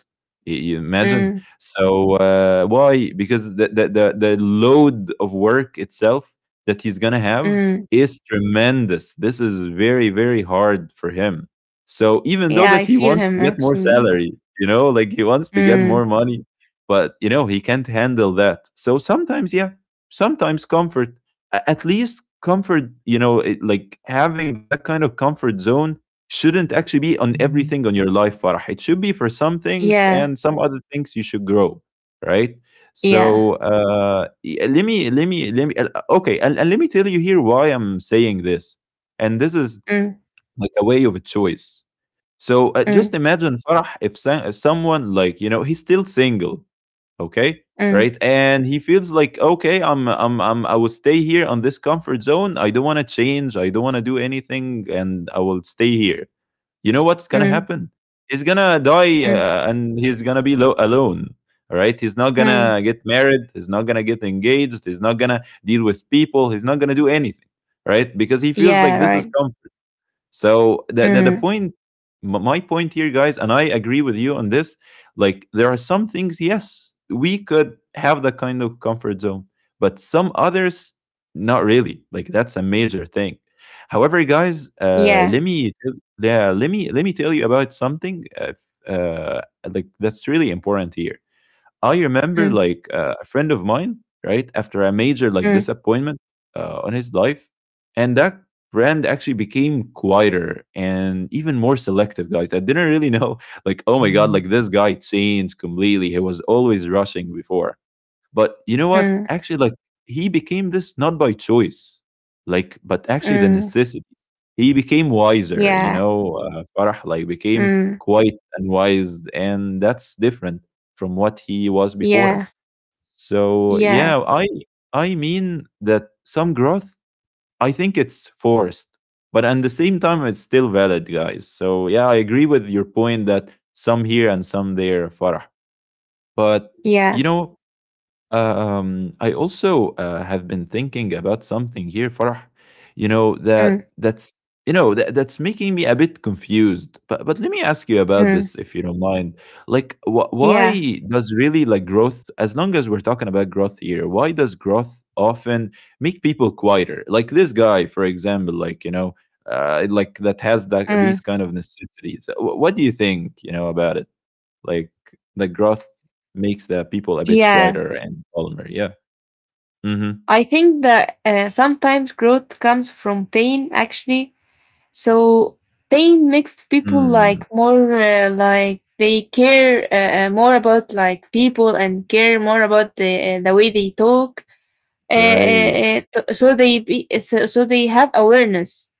Speaker 1: Y- You imagine?
Speaker 2: mm,
Speaker 1: So uh, why? Because the, the the the load of work itself that he's gonna have
Speaker 2: mm.
Speaker 1: is tremendous. This is very very hard for him. So even though
Speaker 2: Yeah, I
Speaker 1: that he
Speaker 2: feel
Speaker 1: wants
Speaker 2: him
Speaker 1: to get more
Speaker 2: actually.
Speaker 1: salary, you know, like he wants to get more
Speaker 2: Mm.
Speaker 1: money, but you know, he can't handle that. So sometimes, yeah, sometimes comfort, a- at least comfort, you know, it, like having that kind of comfort zone shouldn't actually be on everything on your life, Farah. It should be for some things
Speaker 2: Yeah,
Speaker 1: and some other things you should grow, right?
Speaker 2: yeah.
Speaker 1: So uh, y- let me, let me, let me, uh, okay, and, and let me tell you here why I'm saying this. And this is
Speaker 2: Mm,
Speaker 1: like a way of a choice, so uh, just
Speaker 2: mm,
Speaker 1: imagine, Farah, if, some, if someone, like, you know, he's still single, okay,
Speaker 2: mm,
Speaker 1: right, and he feels like, okay, I'm I'm I'm I will stay here on this comfort zone. I don't want to change. I don't want to do anything, and I will stay here. You know what's gonna
Speaker 2: mm,
Speaker 1: happen? He's gonna die,
Speaker 2: mm,
Speaker 1: uh, and he's gonna be lo- alone. All right, he's not
Speaker 2: mm.
Speaker 1: gonna get married. He's not gonna get engaged. He's not gonna deal with people. He's not gonna do anything, right? Because he feels
Speaker 2: Yeah,
Speaker 1: like this is
Speaker 2: right.
Speaker 1: comfort. So the the, the
Speaker 2: Mm,
Speaker 1: point, m- my point here, guys, and I agree with you on this, like there are some things, yes, we could have that kind of comfort zone, but some others not really. Like that's a major thing. However, guys, uh
Speaker 2: yeah.
Speaker 1: let me tell- yeah let me let me tell you about something, uh, uh like that's really important here. I remember
Speaker 2: Mm,
Speaker 1: like uh, a friend of mine, right, after a major like
Speaker 2: mm,
Speaker 1: disappointment uh, on his life, and that brand actually became quieter and even more selective, guys. I didn't really know, like, oh my god, like this guy changed completely. He was always rushing before. But you know what?
Speaker 2: mm,
Speaker 1: Actually, like he became this not by choice, like, but actually the
Speaker 2: mm,
Speaker 1: necessity. He became wiser, you
Speaker 2: yeah.
Speaker 1: know. Uh, Farah, like, became
Speaker 2: Mm,
Speaker 1: quite and wise, and that's different from what he was before.
Speaker 2: yeah,
Speaker 1: So
Speaker 2: yeah,
Speaker 1: yeah, I I mean that some growth. I think it's forced, but at the same time, it's still valid, guys. So yeah, I agree with your point that some here and some there, Farah. But
Speaker 2: yeah.
Speaker 1: you know, um, I also uh, have been thinking about something here, Farah. You know
Speaker 2: Mm,
Speaker 1: that that's you know that, that's making me a bit confused. But but let me ask you about
Speaker 2: mm,
Speaker 1: this, if you don't mind. Like, wh-
Speaker 2: yeah.
Speaker 1: why does really like growth? As long as we're talking about growth here, why does growth often make people quieter? Like this guy, for example. Like, you know, uh, like that has that these
Speaker 2: Mm,
Speaker 1: kind of necessities. Wh- What do you think? You know about it? Like the growth makes the people a bit
Speaker 2: yeah.
Speaker 1: quieter and calmer. Yeah. Mhm.
Speaker 2: I think that uh, sometimes growth comes from pain, actually. So pain makes people
Speaker 1: Mm.
Speaker 2: like more uh, like they care uh, uh, more about like people, and care more about the uh, the way they talk. Uh, uh,
Speaker 1: Right.
Speaker 2: uh, t- so they be, so, so they have awareness.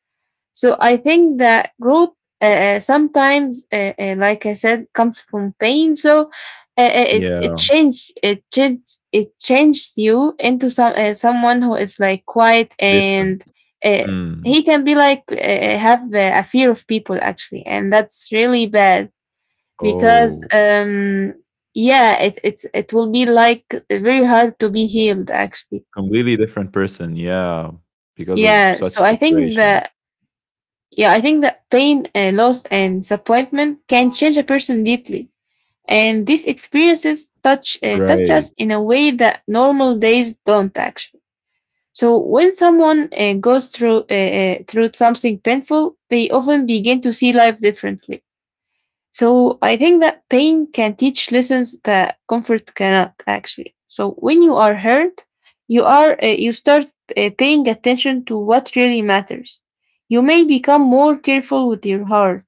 Speaker 2: So I think that growth uh, uh, sometimes, uh, uh, like I said, comes from pain. So uh, uh, it it
Speaker 1: Yeah.
Speaker 2: change it change it changes you into some uh, someone who is like quiet, and
Speaker 1: Different.
Speaker 2: uh,
Speaker 1: Mm.
Speaker 2: he can be like uh, uh, have uh, a fear of people actually, and that's really bad because
Speaker 1: Oh,
Speaker 2: um yeah, it it's it will be like very hard to be healed actually.
Speaker 1: completely different person. Yeah. Because of
Speaker 2: Yeah,
Speaker 1: such
Speaker 2: so I think
Speaker 1: situation.
Speaker 2: that Yeah, I think that pain and loss and disappointment can change a person deeply. And these experiences touch uh, touch
Speaker 1: Right.
Speaker 2: us in a way that normal days don't actually. So when someone uh, goes through uh, uh, through something painful, they often begin to see life differently. So I think that pain can teach lessons that comfort cannot actually. So when you are hurt, you are uh, you start uh, paying attention to what really matters. You may become more careful with your heart,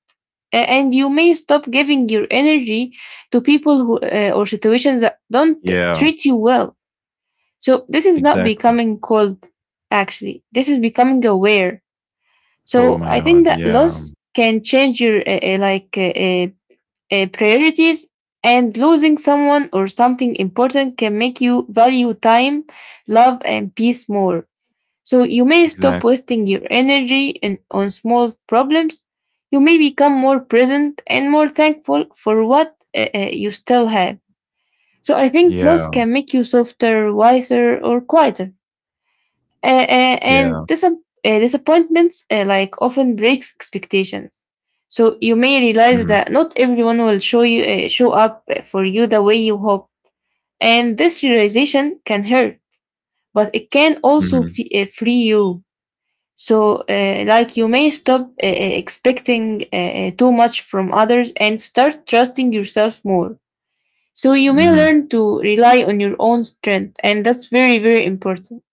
Speaker 2: a- and you may stop giving your energy to people who, uh, or situations that don't
Speaker 1: Yeah.
Speaker 2: treat you well. So this is not
Speaker 1: Exactly.
Speaker 2: becoming cold, actually. This is becoming aware.
Speaker 1: Oh
Speaker 2: So
Speaker 1: my
Speaker 2: I
Speaker 1: God.
Speaker 2: think that
Speaker 1: Yeah.
Speaker 2: loss can change your uh, uh, like uh, uh, uh, priorities, and losing someone or something important can make you value time, love, and peace more. So you may stop
Speaker 1: Exactly.
Speaker 2: wasting your energy in, on small problems. You may become more present and more thankful for what uh, uh, you still have. So I think loss
Speaker 1: Yeah.
Speaker 2: can make you softer, wiser, or quieter, uh, uh,
Speaker 1: Yeah.
Speaker 2: and disap- uh, disappointments uh, like often breaks expectations, so you may realize
Speaker 1: Mhm.
Speaker 2: that not everyone will show you uh, show up uh, for you the way you hope, and this realization can hurt, but it can also
Speaker 1: Mhm.
Speaker 2: f- uh, free you. So uh, like you may stop uh, uh, expecting uh, uh, too much from others and start trusting yourself more, so you may
Speaker 1: Mhm.
Speaker 2: learn to rely on your own strength, and that's very very important.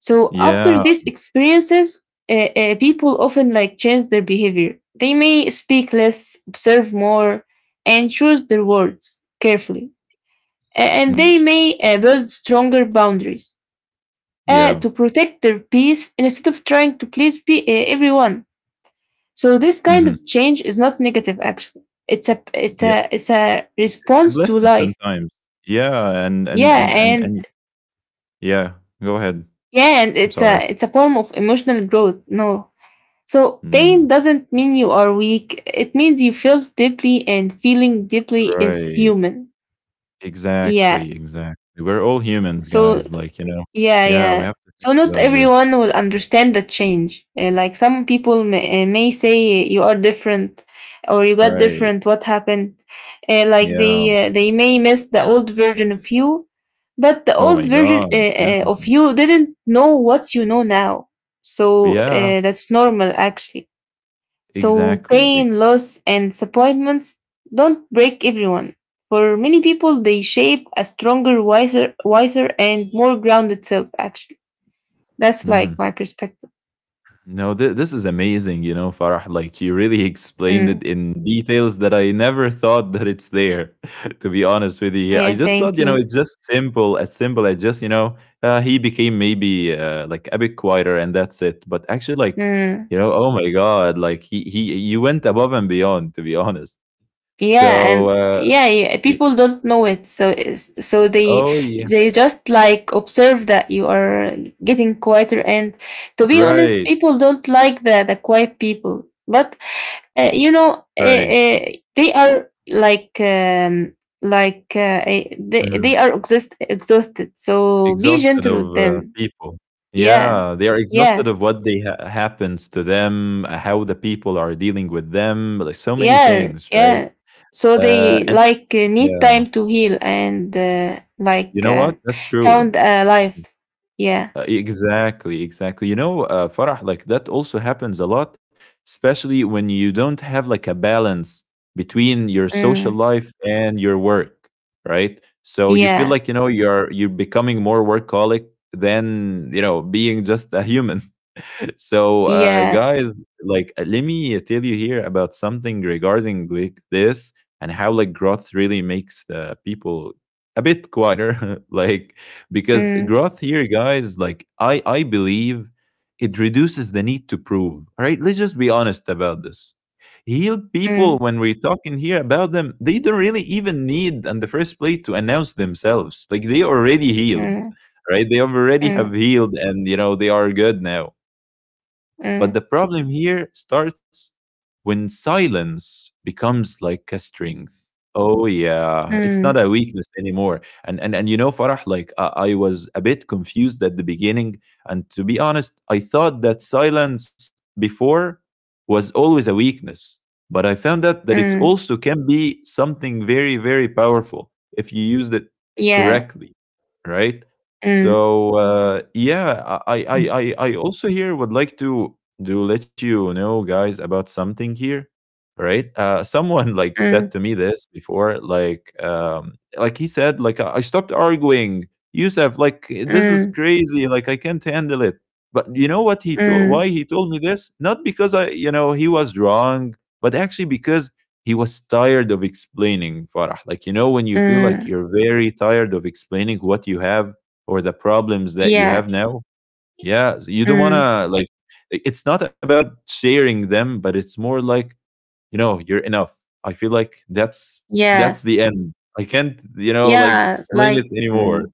Speaker 2: So
Speaker 1: Yeah.
Speaker 2: after these experiences, uh, uh, people often like change their behavior. They may speak less, observe more, and choose their words carefully. A- and
Speaker 1: Mm.
Speaker 2: they may uh, build stronger boundaries uh,
Speaker 1: Yeah.
Speaker 2: to protect their peace instead of trying to please pe- uh, everyone. So this kind
Speaker 1: Mhm.
Speaker 2: of change is not negative actually. It's a it's
Speaker 1: Yeah.
Speaker 2: a it's a
Speaker 1: It's a
Speaker 2: response to
Speaker 1: blessing
Speaker 2: life.
Speaker 1: sometimes. Yeah. And and
Speaker 2: Yeah,
Speaker 1: and and
Speaker 2: and
Speaker 1: and yeah. Go ahead.
Speaker 2: yeah, and
Speaker 1: I'm
Speaker 2: it's
Speaker 1: sorry.
Speaker 2: a it's a form of emotional growth. No. So,
Speaker 1: Mm,
Speaker 2: pain doesn't mean you are weak. It means you feel deeply, and feeling deeply is
Speaker 1: right.
Speaker 2: human. Yeah.
Speaker 1: Exactly, exactly. We're all humans,
Speaker 2: So,
Speaker 1: guys. Like, you know,
Speaker 2: yeah,
Speaker 1: yeah, we
Speaker 2: yeah.
Speaker 1: have to think
Speaker 2: So, not
Speaker 1: about this.
Speaker 2: everyone will understand the change. Uh, Like some people may, uh, may say you are different or you got
Speaker 1: Right.
Speaker 2: different. What happened? Uh, like they
Speaker 1: Yeah.
Speaker 2: uh, they may miss the old version of you, but the
Speaker 1: Oh
Speaker 2: old
Speaker 1: my
Speaker 2: version
Speaker 1: God.
Speaker 2: uh,
Speaker 1: Yeah.
Speaker 2: uh, of you didn't know what you know now. So
Speaker 1: Yeah.
Speaker 2: uh, that's normal, actually. So
Speaker 1: Exactly.
Speaker 2: pain, loss, and disappointments don't break everyone. For many people, they shape a stronger, wiser, wiser, and more grounded self. Actually, that's
Speaker 1: Mm-hmm.
Speaker 2: like my perspective.
Speaker 1: No, th- this is amazing, you know, Farah. Like you really explained
Speaker 2: Mm.
Speaker 1: it in details that I never thought that it's there. To be honest with you, here I
Speaker 2: Yeah,
Speaker 1: just thought,
Speaker 2: thank
Speaker 1: you know,
Speaker 2: you.
Speaker 1: it's just simple, as simple as just, you know, uh, he became maybe uh, like a bit quieter and that's it. But actually, like,
Speaker 2: Mm.
Speaker 1: you know, oh my God, like he he you went above and beyond, to be honest.
Speaker 2: Yeah,
Speaker 1: So,
Speaker 2: and
Speaker 1: uh,
Speaker 2: yeah, yeah,
Speaker 1: y-
Speaker 2: people don't know it, so it's- so they
Speaker 1: oh yeah,
Speaker 2: they just like observe that you are getting quieter, and to be honest
Speaker 1: right,
Speaker 2: people don't like the the quiet people, but uh, you know, uh,
Speaker 1: right.
Speaker 2: uh, they are like um like, uh, eh, they,
Speaker 1: Mm.
Speaker 2: they are exhaust, exhausted, so be
Speaker 1: Exhausted
Speaker 2: gentle
Speaker 1: of,
Speaker 2: with
Speaker 1: uh,
Speaker 2: them.
Speaker 1: people.
Speaker 2: Yeah,
Speaker 1: Yeah, they are exhausted
Speaker 2: yeah.
Speaker 1: of what they ha happens to them, uh, how the people are dealing with them, like, so many
Speaker 2: Yeah,
Speaker 1: things, right?
Speaker 2: yeah. So
Speaker 1: Uh,
Speaker 2: they
Speaker 1: and
Speaker 2: like uh, need
Speaker 1: yeah,
Speaker 2: time to heal and uh,
Speaker 1: you
Speaker 2: like
Speaker 1: know
Speaker 2: uh,
Speaker 1: what? That's true.
Speaker 2: found a life. Yeah.
Speaker 1: Uh, exactly, exactly. You know, uh, Farah, like that also happens a lot, especially when you don't have like a balance between your social
Speaker 2: Mm.
Speaker 1: life and your work, right? So you feel
Speaker 2: Yeah.
Speaker 1: like, you know, you're you're becoming more workaholic than, you know, being just a human. So uh,
Speaker 2: Yeah.
Speaker 1: guys, like uh, let me tell you here about something regarding like this, and how like growth really makes the people a bit quieter. Like, because
Speaker 2: Mm.
Speaker 1: growth here, guys, like I I believe it reduces the need to prove. All right, let's just be honest about this. Healed people,
Speaker 2: Mm.
Speaker 1: when we're talking here about them, they don't really even need in the first place to announce themselves, like they already healed,
Speaker 2: Mm.
Speaker 1: right? They already have
Speaker 2: Mm.
Speaker 1: healed, and you know they are good now. But
Speaker 2: Mm.
Speaker 1: the problem here starts when silence becomes like a strength. Oh yeah, it's not
Speaker 2: Mm.
Speaker 1: a weakness anymore. And and and you know, Farah, like I, I was a bit confused at the beginning, and to be honest, I thought that silence before was always a weakness, but I found out that it
Speaker 2: Mm.
Speaker 1: also can be something very very powerful if you used it
Speaker 2: Yeah.
Speaker 1: correctly, right?
Speaker 2: Mm.
Speaker 1: So uh, yeah, I I I I I also here would like to do let you know, guys, about something here. Right? Uh, someone like said
Speaker 2: Mm.
Speaker 1: to me this before, like, um, like he said, like I I stopped arguing. Yusuf, like this is
Speaker 2: Mm.
Speaker 1: crazy. Like I can't handle it. But you know what he told?
Speaker 2: Mm.
Speaker 1: Why he told me this? Not because I, you know, he was wrong, but actually because he was tired of explaining. Farah, like you know, when you feel like
Speaker 2: Mm.
Speaker 1: you're very tired of explaining what you have or the problems that you
Speaker 2: Yeah.
Speaker 1: have now, yeah, so you don't want
Speaker 2: Mm.
Speaker 1: to like i- it's not about sharing them, but it's more like, you know, you're enough. I feel like that's that's
Speaker 2: Yeah.
Speaker 1: the end. I can't, you know, like
Speaker 2: Yeah.
Speaker 1: explain it
Speaker 2: Like.
Speaker 1: anymore.
Speaker 2: Mm.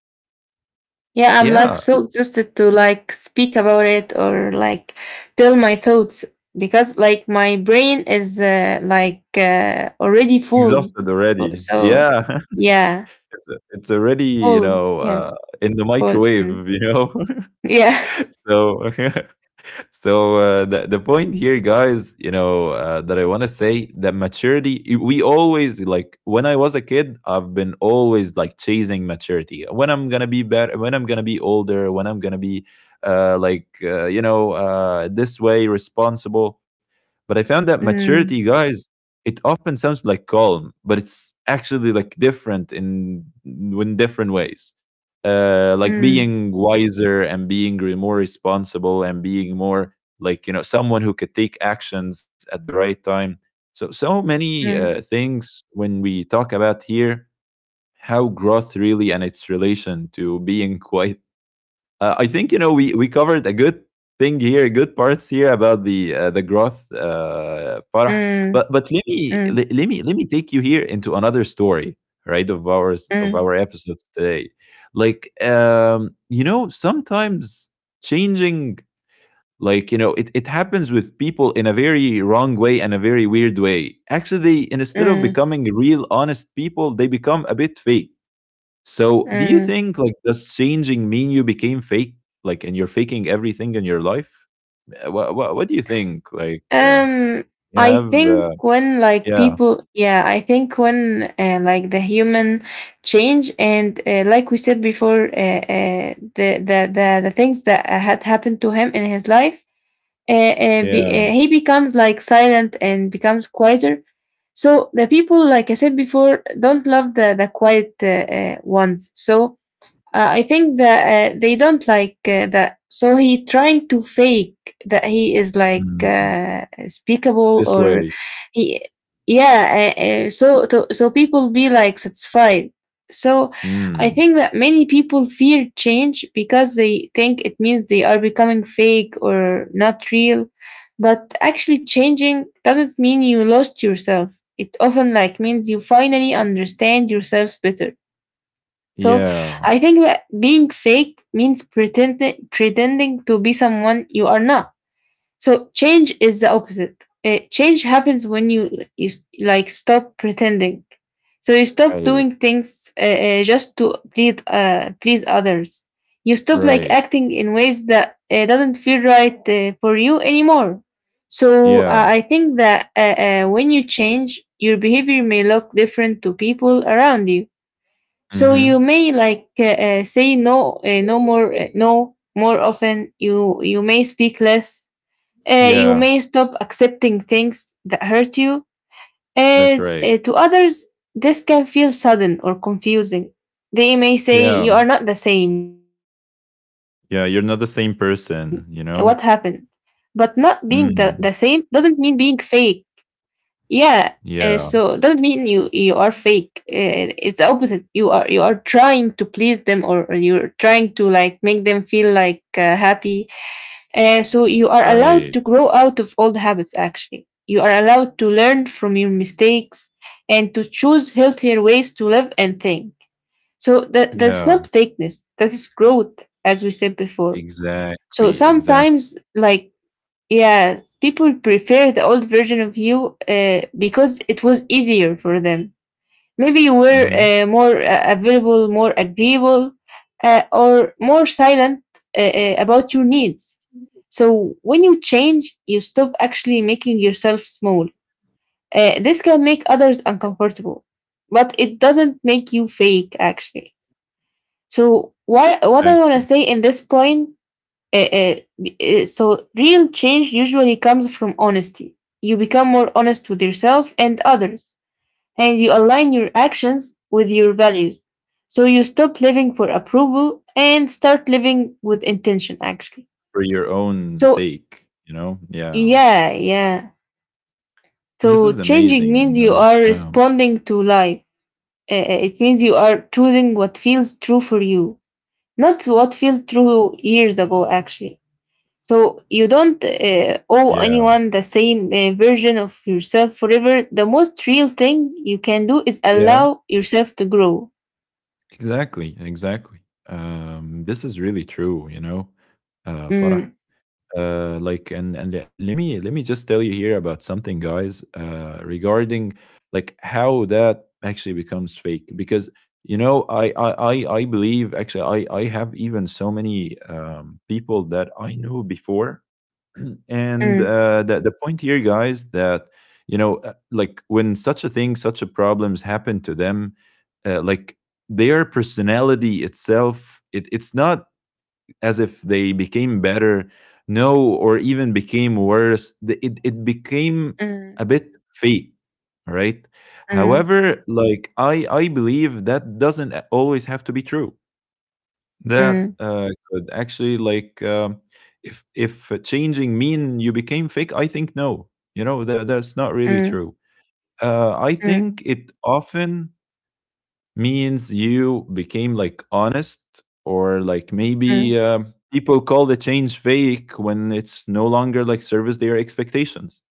Speaker 2: Yeah, I'm like
Speaker 1: Yeah,
Speaker 2: so exhausted to like speak about it or like tell my thoughts because like my brain is uh, like uh, already full.
Speaker 1: exhausted
Speaker 2: Fu-
Speaker 1: already.
Speaker 2: So
Speaker 1: Yeah.
Speaker 2: yeah,
Speaker 1: It's it's already, you
Speaker 2: full.
Speaker 1: know,
Speaker 2: Yeah,
Speaker 1: uh, in the
Speaker 2: full.
Speaker 1: microwave,
Speaker 2: Mm.
Speaker 1: you know.
Speaker 2: Yeah.
Speaker 1: So so uh, the, the point here, guys, you know uh, that I want to say that maturity, we always like, when I was a kid, I've been always like chasing maturity, when I'm gonna be better, when I'm gonna be older, when I'm gonna be uh, like uh, you know uh, this way responsible, but I found that maturity,
Speaker 2: Mm,
Speaker 1: guys, it often sounds like calm, but it's actually like different in in different ways, uh, like
Speaker 2: mm,
Speaker 1: being wiser and being re- more responsible and being more like, you know, someone who could take actions at the right time. So so many uh,
Speaker 2: mm,
Speaker 1: things, when we talk about here how growth really and its relation to being quite, uh, i think, you know, we we covered a good thing here, good parts here about the uh, the growth, uh, Farah.
Speaker 2: mm,
Speaker 1: But but let me
Speaker 2: mm,
Speaker 1: let, let me let me take you here into another story, right? Of ours of
Speaker 2: mm,
Speaker 1: our episodes today, like um, you know, sometimes changing, like you know, it, it happens with people in a very wrong way and a very weird way. Actually, they instead of
Speaker 2: mm,
Speaker 1: becoming real honest people, they become a bit fake. So, do you
Speaker 2: mm.
Speaker 1: think like, does changing mean you became fake, like, and you're faking everything in your life? Eh, What what, what do you think? Like, uh,
Speaker 2: Um,
Speaker 1: you
Speaker 2: I
Speaker 1: have,
Speaker 2: think
Speaker 1: uh,
Speaker 2: when like
Speaker 1: yeah,
Speaker 2: people, yeah, I think when uh, like the human change and uh, like we said before, uh, uh, the, the the the things that uh, had happened to him in his life, uh, uh, be,
Speaker 1: yeah,
Speaker 2: uh, he becomes like silent and becomes quieter. So the people, like I said before, don't love the the quiet uh, uh, ones. So uh, I think that uh, they don't like uh, that. So he trying to fake that he is like
Speaker 1: mm,
Speaker 2: uh,
Speaker 1: this
Speaker 2: speakable
Speaker 1: way,
Speaker 2: or he, yeah. Uh, uh, so to, so people be like satisfied. So I
Speaker 1: mm,
Speaker 2: think that many people fear change because they think it means they are becoming fake or not real. But actually, changing doesn't mean you lost yourself. It often like means you finally understand yourself better. So
Speaker 1: yeah,
Speaker 2: I think that being fake means pretending pretending to be someone you are not. So change is the opposite. Uh, change happens when you you s- like stop pretending. So you stop
Speaker 1: right,
Speaker 2: doing things uh, uh, just to please uh, please others. You stop like
Speaker 1: right,
Speaker 2: acting in ways that uh, doesn't feel right uh, for you anymore. So uh,
Speaker 1: yeah,
Speaker 2: I think that uh, uh, when you change, your behavior may look different to people around you, so
Speaker 1: mm-hmm,
Speaker 2: you may like uh, uh, say no, uh, no more, uh, no more often. You you may speak less. Uh, you
Speaker 1: yeah,
Speaker 2: may stop accepting things that hurt you.
Speaker 1: that's
Speaker 2: And
Speaker 1: right,
Speaker 2: uh, to others, this can feel sudden or confusing. They may say
Speaker 1: yeah,
Speaker 2: you are not the same. What happened?
Speaker 1: yeah. You're
Speaker 2: But
Speaker 1: not the
Speaker 2: not
Speaker 1: same
Speaker 2: being the,
Speaker 1: person,
Speaker 2: the
Speaker 1: you
Speaker 2: same
Speaker 1: know.
Speaker 2: doesn't mean being fake,
Speaker 1: Mm,
Speaker 2: yeah. Uh, so doesn't mean you
Speaker 1: yeah,
Speaker 2: you are fake. Uh, it's the opposite. You are you are trying to please them, or, or you're trying to like make them feel like uh, happy. Uh, so you are allowed to grow
Speaker 1: right,
Speaker 2: out of old habits. Actually, you are allowed to learn from your mistakes and to choose healthier ways to live and think. So that that's
Speaker 1: yeah,
Speaker 2: not fakeness. That is growth, as we said before. So
Speaker 1: exactly, exactly,
Speaker 2: sometimes, like yeah, people prefer the old version of you uh, because it was easier for them. Maybe you were
Speaker 1: mm-hmm,
Speaker 2: uh, more uh, available, more agreeable, uh, or more silent uh, uh, about your needs. So when you change, you stop actually making yourself small. Uh, this can make others uncomfortable, but it doesn't make you fake actually. So why, what I want to
Speaker 1: exactly.
Speaker 2: say in this point, uh, uh, so, real change usually comes from honesty. You become more honest with yourself and others, and you align your actions with your values. So, you stop living for approval and start living with intention, actually.
Speaker 1: For your own
Speaker 2: So,
Speaker 1: sake, you know? Yeah.
Speaker 2: yeah, yeah.
Speaker 1: This is
Speaker 2: So,
Speaker 1: amazing,
Speaker 2: changing
Speaker 1: you
Speaker 2: means you
Speaker 1: know?
Speaker 2: are
Speaker 1: Yeah.
Speaker 2: responding to life. Uh, uh, it means you are choosing what feels true for you, not what felt true years ago, actually. So you don't uh, owe
Speaker 1: Yeah.
Speaker 2: anyone the same uh, version of yourself forever. The most real thing you can do is
Speaker 1: Yeah.
Speaker 2: allow yourself to grow.
Speaker 1: Exactly. Exactly. Um, this is really true, you know? Uh, Farah.
Speaker 2: Mm,
Speaker 1: Uh, like, and, and le- let me, let me just tell you here about something, guys, uh, regarding like how that actually becomes fake because you know i i i I believe actually i i have even so many um people that I knew before. And
Speaker 2: mm,
Speaker 1: uh, the the point here, guys, that you know, uh, like when such a thing, such a problems happen to them, uh, like their personality itself, it, it's not as if they became better, no, or even became worse. The- It it became a
Speaker 2: mm,
Speaker 1: bit fake, all right.
Speaker 2: mm,
Speaker 1: However, like I I believe that doesn't always have to be true that,
Speaker 2: mm,
Speaker 1: uh, could actually, like, um, if if uh, changing mean you became fake, I think no. You know, that that's not really
Speaker 2: mm,
Speaker 1: true. Uh, I
Speaker 2: mm,
Speaker 1: think it often means you became like honest, or like
Speaker 2: mm,
Speaker 1: maybe um, people call the change fake when it's no longer like service their expectations,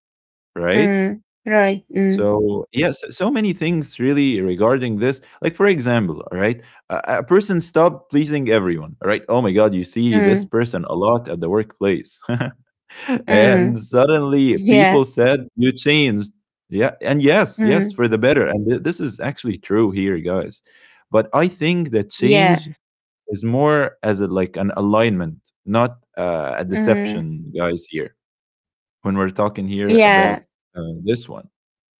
Speaker 1: right?
Speaker 2: mm. Right. Mm,
Speaker 1: So, yes, so many things really regarding this. Like, for example, all right, a, a person stop pleasing everyone, all right? Oh my God, you see this
Speaker 2: mm,
Speaker 1: person a lot at the workplace. And
Speaker 2: mm.
Speaker 1: suddenly people
Speaker 2: Yeah.
Speaker 1: said, you changed. Yeah. And yes, yes,
Speaker 2: Mm,
Speaker 1: for the better. And th- this is actually true here, guys. But I think that
Speaker 2: yeah.
Speaker 1: change is more as a, like an alignment, not uh, a
Speaker 2: Mm,
Speaker 1: deception, guys, here, when we're talking here
Speaker 2: yeah.
Speaker 1: about uh, this one.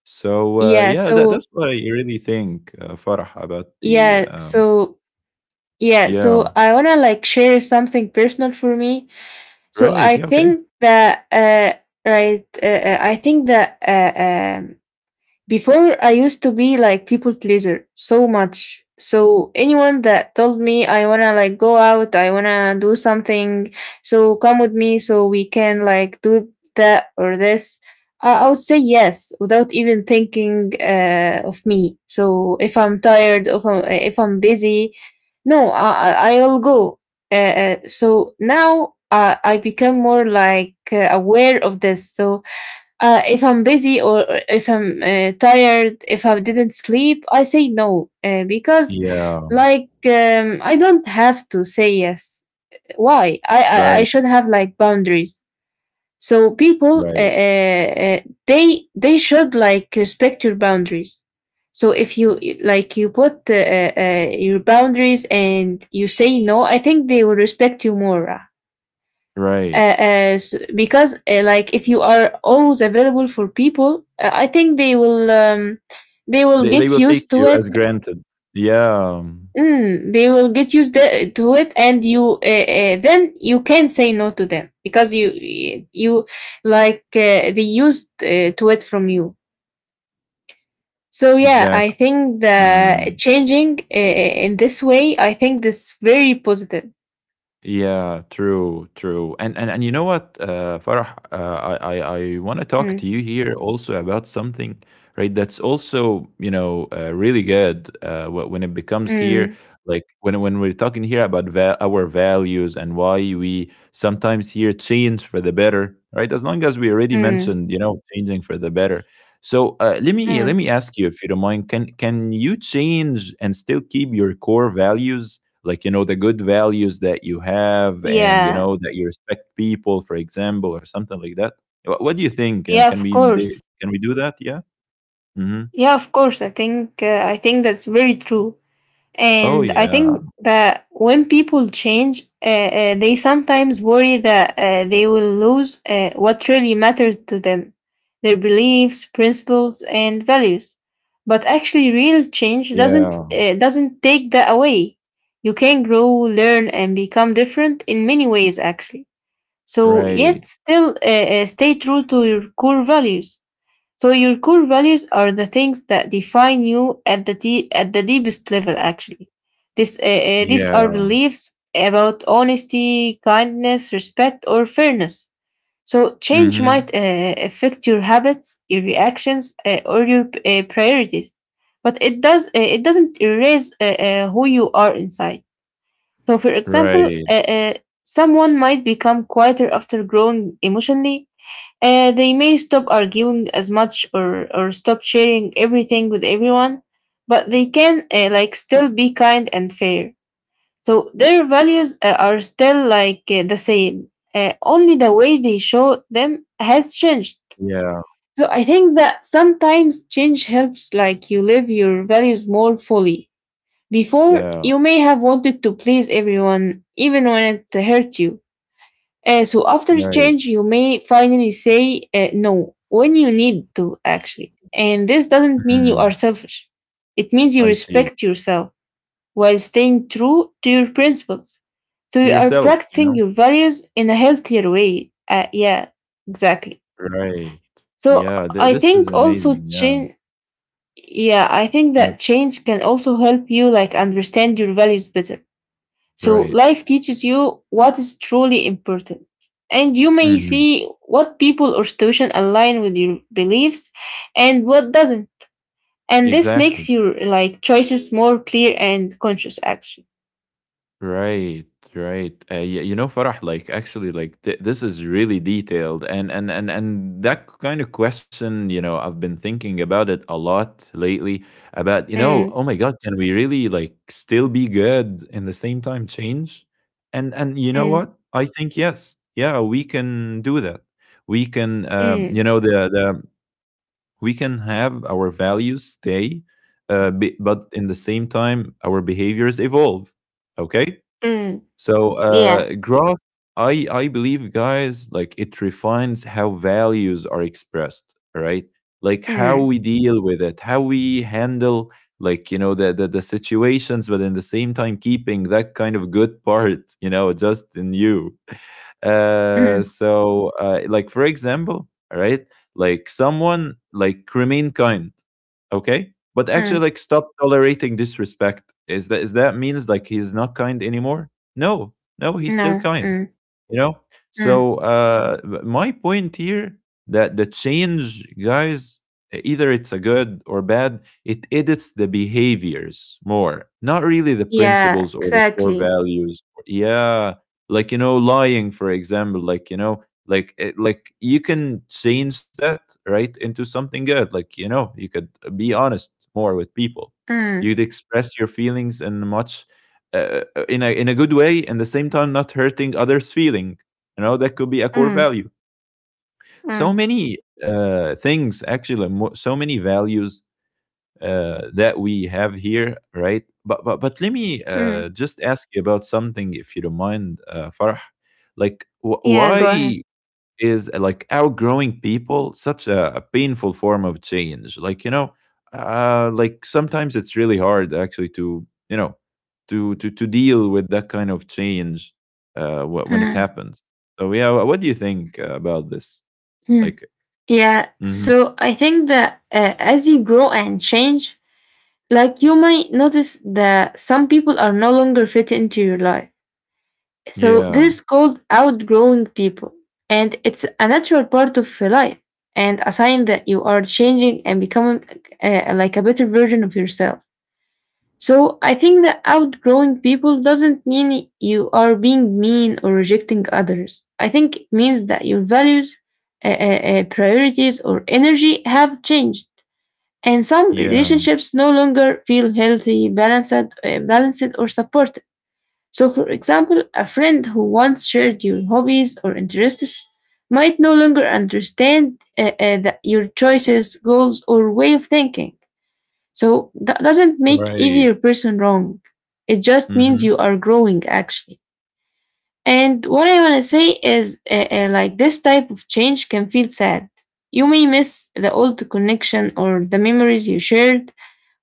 Speaker 1: So, uh,
Speaker 2: Yeah.
Speaker 1: yeah, that that's
Speaker 2: So,
Speaker 1: what I really think, uh, Farah, about the,
Speaker 2: yeah.
Speaker 1: um,
Speaker 2: So, yeah.
Speaker 1: yeah,
Speaker 2: So I want to like share something personal for me. So
Speaker 1: right,
Speaker 2: I
Speaker 1: yeah, okay.
Speaker 2: think that uh, right. Uh, uh, I think that uh, um, before, I used to be like people pleaser so much. So anyone that told me I wanna like go out, I wanna do something, so come with me, so we can like do that or this, I, I would say yes without even thinking uh, of me. So if I'm tired, if I'm, if I'm busy, no, I I I will go. Uh, uh, so now uh, I become more like uh, aware of this. So uh, if I'm busy or if I'm uh, tired, if I didn't sleep, I say no uh, because,
Speaker 1: Yeah,
Speaker 2: like, um, I don't have to say yes. Why? I, I I
Speaker 1: right,
Speaker 2: should have like boundaries. So people, uh,
Speaker 1: right,
Speaker 2: uh, uh, they they should like respect your boundaries. So if you you- like you put uh, uh, uh, your boundaries and you say no, I think they will respect you more uh,
Speaker 1: right.
Speaker 2: uh, because uh, like if you are always available for people uh, I think they will um, they will
Speaker 1: They they will
Speaker 2: get
Speaker 1: take
Speaker 2: used to
Speaker 1: you as
Speaker 2: it
Speaker 1: granted. Yeah,
Speaker 2: mm, They will get used the- to it and you uh, uh, then you can say no to them because you you like uh, they used uh, to it from you. So yeah, I
Speaker 1: exactly.
Speaker 2: think the
Speaker 1: Mm.
Speaker 2: changing uh, in this way, I think this very positive.
Speaker 1: Yeah, true, true. And and and you know what, uh, Farah, uh, I I, I want to talk to
Speaker 2: mm,
Speaker 1: you here also about something, right? That's also you know uh, really good uh, wh- when it becomes here,
Speaker 2: mm,
Speaker 1: like when when we're talking here about va- our values and why we sometimes here change for the better, right? As long as we already
Speaker 2: mm,
Speaker 1: mentioned, you know, changing for the better. So uh, let me let
Speaker 2: mm.
Speaker 1: me ask you, if you don't mind, can can you change and still keep your core values? Like you know the good values that you have and you
Speaker 2: Yeah.
Speaker 1: know that you respect people for example or something like that. Wh- what do you think, you know,
Speaker 2: Yeah,
Speaker 1: can
Speaker 2: of
Speaker 1: we do-
Speaker 2: course.
Speaker 1: can we do that? Yeah, mm-hmm.
Speaker 2: Yeah, of course. I think uh, I think that's very true,
Speaker 1: Oh
Speaker 2: and I
Speaker 1: yeah.
Speaker 2: think that when people change, uh, uh, they sometimes worry that uh, they will lose uh, what really matters to them, their beliefs, principles, and values. But actually, real change
Speaker 1: Yeah,
Speaker 2: doesn't uh, doesn't take that away. You can grow, learn, and become different in many ways, actually. So,
Speaker 1: right,
Speaker 2: yet still uh, uh, stay true to your core values. So your core values are the things that define you at the de- at the deepest level. Actually, this uh, uh, these are
Speaker 1: yeah,
Speaker 2: beliefs about honesty, kindness, respect, or fairness. So change
Speaker 1: mm-hmm.
Speaker 2: might uh, affect your habits, your reactions, uh, or your uh, priorities, but it does uh, it doesn't erase uh, uh, who you are inside. So, for example,
Speaker 1: Right,
Speaker 2: uh, uh, someone might become quieter after growing emotionally. Uh, they may stop arguing as much or, or stop sharing everything with everyone, but they can uh, like still be kind and fair. So their values uh, are still like uh, the same. Uh, only the way they show them has changed.
Speaker 1: yeah,
Speaker 2: So I think that sometimes change helps like you live your values more fully. Before,
Speaker 1: yeah,
Speaker 2: you may have wanted to please everyone even when it hurt you. Uh, so after the
Speaker 1: right.
Speaker 2: change, you may finally say uh, no when you need to, actually. And this doesn't mean you
Speaker 1: Mm.
Speaker 2: are selfish. It means you
Speaker 1: I see.
Speaker 2: respect yourself while staying true to your principles. So
Speaker 1: To
Speaker 2: you are
Speaker 1: yourself, you know.
Speaker 2: practicing your values in a healthier way. Uh, yeah, exactly.
Speaker 1: Right.
Speaker 2: So
Speaker 1: Yeah, th-
Speaker 2: I
Speaker 1: this is
Speaker 2: think
Speaker 1: amazing,
Speaker 2: also
Speaker 1: yeah.
Speaker 2: change. Yeah, I think
Speaker 1: Yep,
Speaker 2: that change can also help you like understand your values better, so
Speaker 1: right,
Speaker 2: life teaches you what is truly important. And you may
Speaker 1: mm-hmm.
Speaker 2: see what people or situation align with your beliefs and what doesn't. And this
Speaker 1: Exactly.
Speaker 2: makes your like choices more clear and conscious action.
Speaker 1: Right, right. Uh, yeah, you know, Farah, like actually, like th- this is really detailed, and and and and that kind of question, you know, I've been thinking about it a lot lately. About you know,
Speaker 2: Mm,
Speaker 1: oh my God, can we really like still be good in the same time change? And and you know
Speaker 2: mm,
Speaker 1: what? I think yes, yeah, we can do that. We can, uh,
Speaker 2: mm,
Speaker 1: you know, the the we can have our values stay, uh, be, but in the same time, our behaviors evolve. Okay,
Speaker 2: mm,
Speaker 1: so
Speaker 2: yeah.
Speaker 1: uh, growth, I I believe, guys, like it refines how values are expressed, right? Like how
Speaker 2: Mm,
Speaker 1: we deal with it, how we handle like you know the, the the situations, but in the same time keeping that kind of good part, you know, just in you. Uh,
Speaker 2: mm,
Speaker 1: so uh, like for example, all right, like someone like remain kind, okay, but actually
Speaker 2: mm,
Speaker 1: like stop tolerating disrespect. Is that, is that means like he's not kind anymore? No. No, he's still
Speaker 2: no.
Speaker 1: kind,
Speaker 2: mm,
Speaker 1: you know.
Speaker 2: mm.
Speaker 1: So uh b- my point here, that the change, guys, e- either it's a good or bad, it edits the behaviors more, not really the
Speaker 2: Yeah,
Speaker 1: principles or the core
Speaker 2: exactly.
Speaker 1: values. Yeah. Like you know lying for example, like you know, like eh, like you can change that right into something good. Like you know you could uh, be honest more with people.
Speaker 2: Mm,
Speaker 1: You'd express your feelings in a much uh, uh, in a in a good way and the same time not hurting others feeling. You know, that could be a core
Speaker 2: mm,
Speaker 1: value.
Speaker 2: mm,
Speaker 1: So many uh, things, actually, mo- so many values uh, that we have here, right? But but, but let me
Speaker 2: mm.
Speaker 1: uh, just ask you about something if you don't mind, uh, Farah. Like wh-
Speaker 2: Yeah, go ahead.
Speaker 1: why is uh, like outgrowing people such a, a painful form of change? Like you know, uh, like sometimes it's really hard actually to you know, to to to deal with that kind of change uh wh- when it
Speaker 2: Mm,
Speaker 1: happens. So yeah, wh- what do you think uh, about this,
Speaker 2: mm.
Speaker 1: like?
Speaker 2: Yeah,
Speaker 1: Mhm.
Speaker 2: so I think that uh, as you grow and change, like you might notice that some people are no longer fit into your life. So
Speaker 1: Yeah.
Speaker 2: this is called outgrowing people. And it's a natural part of your life and a sign that you are changing and becoming uh, like a better version of yourself. So I think that outgrowing people doesn't mean you are being mean or rejecting others. I think it means that your values, uh, uh, uh, priorities, or energy have changed and some
Speaker 1: Yeah,
Speaker 2: relationships no longer feel healthy, balanced, uh, balanced or supported. So, for example, a friend who once shared your hobbies or interests might no longer understand uh, uh, the- your choices, goals, or way of thinking. So, that doesn't make
Speaker 1: right.
Speaker 2: either person wrong. It just means
Speaker 1: Hmm.
Speaker 2: you are growing, actually. And what I want to say is uh, uh, like this type of change can feel sad. You may miss the old connection or the memories you shared,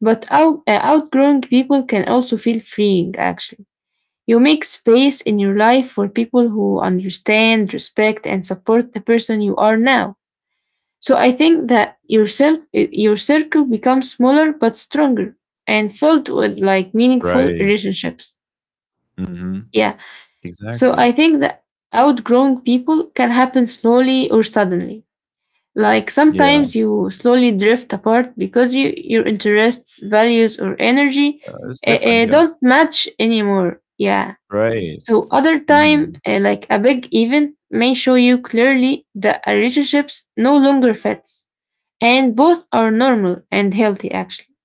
Speaker 2: but out, uh, outgrowing people can also feel freeing, actually. You make space in your life for people who understand, respect, and support the person you are now. So I think that your, cir- your circle becomes smaller but stronger and filled with like meaningful
Speaker 1: Right.
Speaker 2: relationships.
Speaker 1: Hmm.
Speaker 2: Yeah. So
Speaker 1: Exactly.
Speaker 2: I think that outgrowing people can happen slowly or suddenly. Like
Speaker 1: Yeah,
Speaker 2: sometimes you slowly drift apart because you, your interests, values, or energy
Speaker 1: uh, it's
Speaker 2: uh,
Speaker 1: different,
Speaker 2: uh,
Speaker 1: yeah.
Speaker 2: don't match anymore. Yeah.
Speaker 1: Right.
Speaker 2: So other time,
Speaker 1: Mm.
Speaker 2: uh, like a big event, may show you clearly that a relationships no longer fits, and both are normal and healthy actually.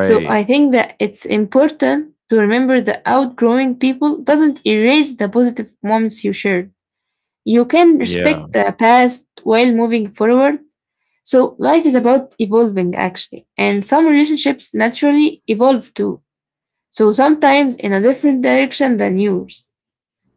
Speaker 2: So I think that it's important to remember that outgrowing people doesn't erase the positive moments you shared. You can respect
Speaker 1: Yeah.
Speaker 2: the past while moving forward. So life is about evolving actually, and some relationships naturally evolve too. So sometimes in a different direction than yours.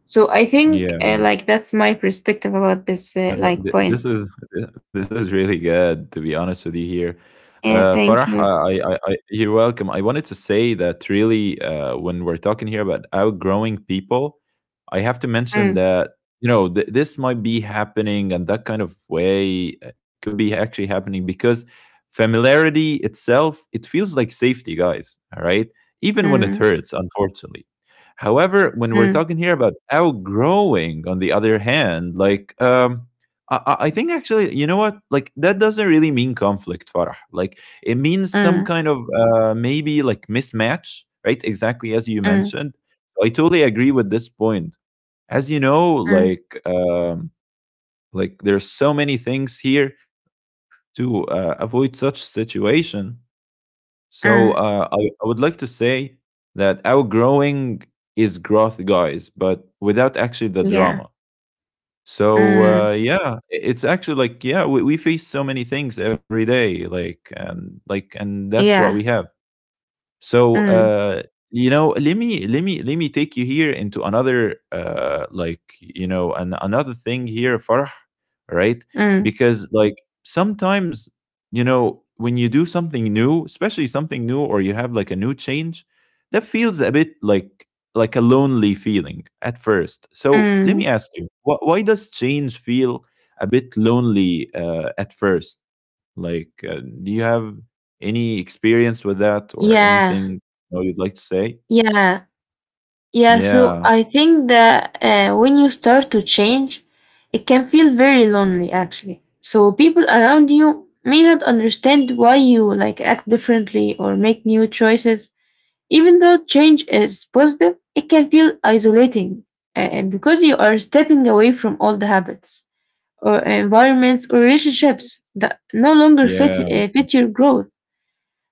Speaker 2: So I think
Speaker 1: Yeah.
Speaker 2: uh, like that's my perspective about this uh,
Speaker 1: No,
Speaker 2: like
Speaker 1: no, th-
Speaker 2: point.
Speaker 1: this is th- this is really good to be honest with you here.
Speaker 2: Yeah,
Speaker 1: Uh,
Speaker 2: thank
Speaker 1: Farah,
Speaker 2: you.
Speaker 1: I, I, I, I- you're welcome. I wanted to say that really, uh, when we're talking here about outgrowing people, I have to mention
Speaker 2: Mm,
Speaker 1: that you know th- this might be happening, and that kind of way uh, could be actually happening because familiarity itself, it feels like safety, guys. All right, even when it
Speaker 2: mm,
Speaker 1: hurts, unfortunately. However, when we're
Speaker 2: mm,
Speaker 1: talking here about outgrowing, on the other hand, like um, I, I think actually, you know what? Like that doesn't really mean conflict, Farah. Like it means some
Speaker 2: mm,
Speaker 1: kind of uh, maybe like mismatch, right? Exactly as you
Speaker 2: mm,
Speaker 1: mentioned. I totally agree with this point. As you know,
Speaker 2: mm,
Speaker 1: like um, like there's so many things here to uh, avoid such situation. So
Speaker 2: mm.
Speaker 1: uh, I, I would like to say that outgrowing is growth, guys, but without actually the
Speaker 2: Yeah.
Speaker 1: drama. So,
Speaker 2: Mm,
Speaker 1: uh, yeah, i- it's actually like, yeah, we, we face so many things every day, like, and like, and that's what we
Speaker 2: yeah.
Speaker 1: have. So,
Speaker 2: Mm,
Speaker 1: uh, you know, let me let me let me take you here into another uh like, you know, an, another thing here, Farh, right?
Speaker 2: mm,
Speaker 1: Because like sometimes, you know, when you do something new, especially something new or you have like a new change, that feels a bit like like a lonely feeling at first. So, let me
Speaker 2: mm.
Speaker 1: ask you, wh- why does change feel a bit lonely uh, at first? Like, uh, do you have any experience with that or
Speaker 2: Yeah.
Speaker 1: anything you know, you'd like to say?
Speaker 2: Yeah. Yeah, so
Speaker 1: Yeah,
Speaker 2: I think that uh, when you start to change, it can feel very lonely actually. So people around you may not understand why you like act differently or make new choices. Even though change is positive, it can feel isolating uh, because you are stepping away from old habits or environments or relationships that no longer fit
Speaker 1: yeah,
Speaker 2: uh, fit your growth.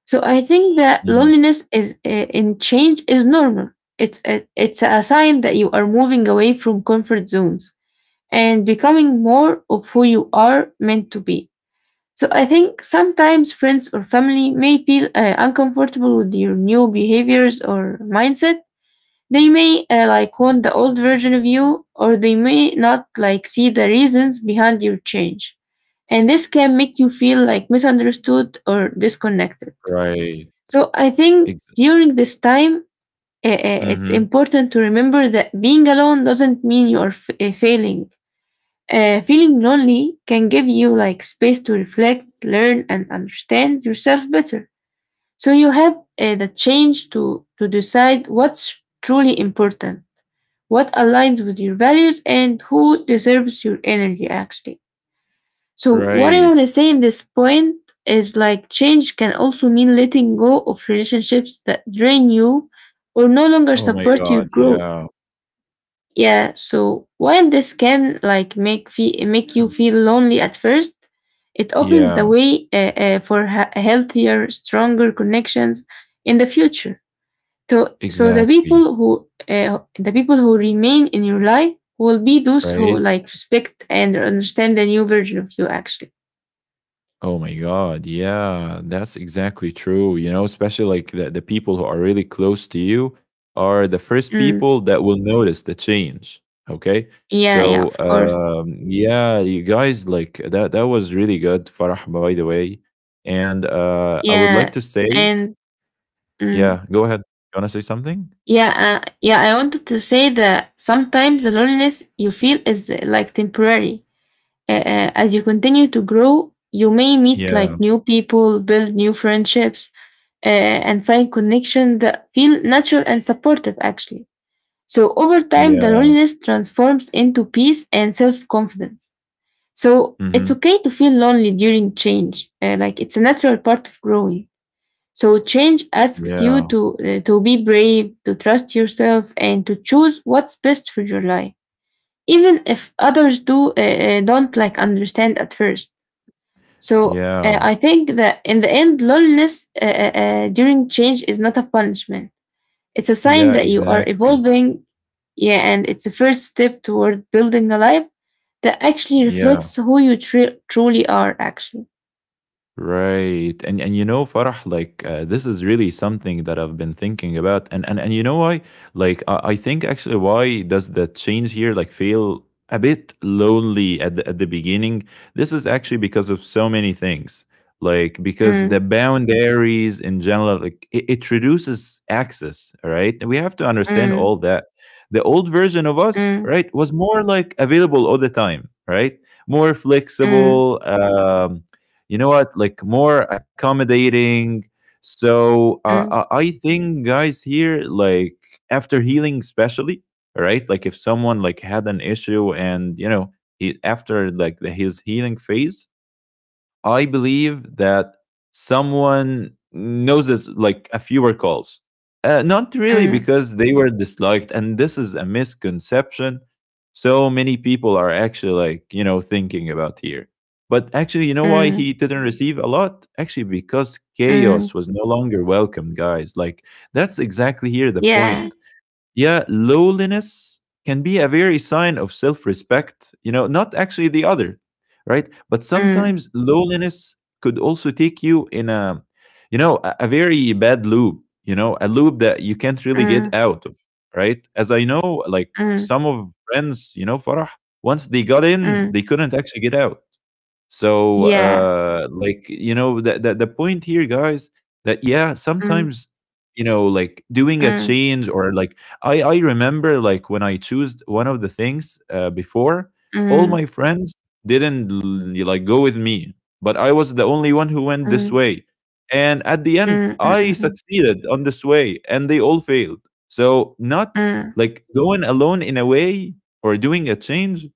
Speaker 2: So I think that
Speaker 1: mhm,
Speaker 2: loneliness is uh, in change is normal. It's a, it's a sign that you are moving away from comfort zones and becoming more of who you are meant to be. So I think sometimes friends or family may feel uh, uncomfortable with your new behaviors or mindset. They may uh, like want the old version of you or they may not like see the reasons behind your change. And this can make you feel like misunderstood or disconnected.
Speaker 1: right.
Speaker 2: So I think
Speaker 1: Ex-
Speaker 2: during this time, uh, uh, it's
Speaker 1: mhm,
Speaker 2: important to remember that being alone doesn't mean you're f- uh, failing. Uh, feeling lonely can give you like space to reflect, learn, and understand yourself better. So you have uh, the change to to decide what's truly important, what aligns with your values, and who deserves your energy actually. So what I want
Speaker 1: right.
Speaker 2: to say in this point is like change can also mean letting go of relationships that drain you or no longer
Speaker 1: Oh my
Speaker 2: support your
Speaker 1: God,
Speaker 2: growth.
Speaker 1: yeah.
Speaker 2: Yeah, so while this can like make fe- make you
Speaker 1: Hmm.
Speaker 2: feel lonely at first, it opens the
Speaker 1: Yeah,
Speaker 2: way uh, uh, for ha- healthier, stronger connections in the future. So, so the
Speaker 1: exactly,
Speaker 2: people who uh, the people who remain in your life will be those who
Speaker 1: right.
Speaker 2: like respect and understand the new version of you actually.
Speaker 1: Oh my God. Yeah, that's exactly true. You know, especially like the, the people who are really close to you are the first
Speaker 2: Mm.
Speaker 1: people that will notice the change. Okay.
Speaker 2: Yeah, yeah,
Speaker 1: So,
Speaker 2: of course.
Speaker 1: um, yeah, you guys like that. That was really good, Farah, by the way. And uh, I would like
Speaker 2: Yeah,
Speaker 1: to say,
Speaker 2: and mm,
Speaker 1: yeah, go ahead. You want to say something?
Speaker 2: yeah, uh, yeah. I wanted to say that sometimes the loneliness you feel is uh, like temporary. Uh, uh, as you continue to grow, you may meet
Speaker 1: Yeah.
Speaker 2: like new people, build new friendships, uh, and find connections that feel natural and supportive. Actually, so over time, the
Speaker 1: Yeah.
Speaker 2: loneliness transforms into peace and self-confidence. So it's
Speaker 1: Mm-hmm.
Speaker 2: okay to feel lonely during change. Uh, like it's a natural part of growing. So change asks you
Speaker 1: Yeah.
Speaker 2: to uh, to be brave, to trust yourself, and to choose what's best for your life, even if others do uh, uh, don't like understand at first. So uh,
Speaker 1: Yeah.
Speaker 2: I think that in the end, loneliness uh, uh, uh, during change is not a punishment. It's a sign
Speaker 1: Yeah.
Speaker 2: that you are
Speaker 1: Exactly.
Speaker 2: evolving, yeah, and it's a first step toward building a life that actually
Speaker 1: Yeah.
Speaker 2: reflects who you tru- truly are. Actually.
Speaker 1: Right. And and you know, Farah, like uh, this is really something that I've been thinking about. And and, and you know why? Like I, I think actually why does the change here like feel a bit lonely at the, at the beginning? This is actually because of so many things. Like because the
Speaker 2: Mm,
Speaker 1: boundaries in general, like it, it reduces access, right? And we have to understand
Speaker 2: mm,
Speaker 1: all that. The old version of us,
Speaker 2: mm,
Speaker 1: right, was more like available all the time, right? More
Speaker 2: mm,
Speaker 1: flexible, um, you know what, like more accommodating. So uh,
Speaker 2: mm,
Speaker 1: uh, I think guys here, like after healing, especially, right? Like if someone like had an issue and you know he after like the, his healing phase, I believe that someone knows it like a fewer calls. Uh, not really
Speaker 2: mm,
Speaker 1: because they were disliked, and this is a misconception. So many people are actually like, you know, thinking about here. But actually, you know why
Speaker 2: mm,
Speaker 1: he didn't receive a lot? Actually, because
Speaker 2: mm.
Speaker 1: chaos was no longer welcomed, guys. Like, that's exactly here the
Speaker 2: Yeah.
Speaker 1: point. Yeah, lowliness can be a very sign of self-respect, you know, not actually the other. Right, but
Speaker 2: Mm,
Speaker 1: sometimes lowliness could also take you in a, you know, a, a very bad loop, you know, a loop that you can't really get
Speaker 2: mm,
Speaker 1: out of. Right, as I know like
Speaker 2: mm,
Speaker 1: some of friends, you know, Farah, once they got in
Speaker 2: mm.
Speaker 1: they couldn't actually get out. So,
Speaker 2: Yeah.
Speaker 1: uh, like you know, the, the the point here, guys, that yeah,
Speaker 2: Mm,
Speaker 1: sometimes you know, like doing a
Speaker 2: mm,
Speaker 1: change or like I I remember like when I chose one of the things uh, before, all
Speaker 2: mm,
Speaker 1: my friends didn't l- like go with me, but I was the only one who went this
Speaker 2: mm,
Speaker 1: way, and at the end,
Speaker 2: mm, mm,
Speaker 1: I
Speaker 2: mm,
Speaker 1: succeeded on this way, and they all failed. So not
Speaker 2: mm,
Speaker 1: like going alone in a way or doing a change,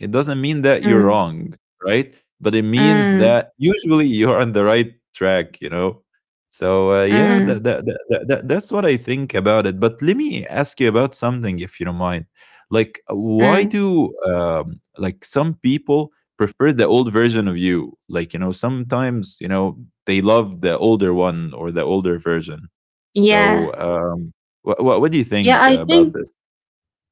Speaker 1: it doesn't mean that you're
Speaker 2: mm,
Speaker 1: wrong, right? But it means
Speaker 2: mm,
Speaker 1: that usually you're on the right track, you know? So uh, yeah, that,
Speaker 2: mm,
Speaker 1: that, that, that, that- that's what I think about it. But let me ask you about something, if you don't mind. Like, why
Speaker 2: mm.
Speaker 1: do um, like some people prefer the old version of you? Like, you know, sometimes you know they love the older one or the older version.
Speaker 2: Yeah.
Speaker 1: So, um, what what, what do you
Speaker 2: Yeah,
Speaker 1: think
Speaker 2: I
Speaker 1: about
Speaker 2: think
Speaker 1: this?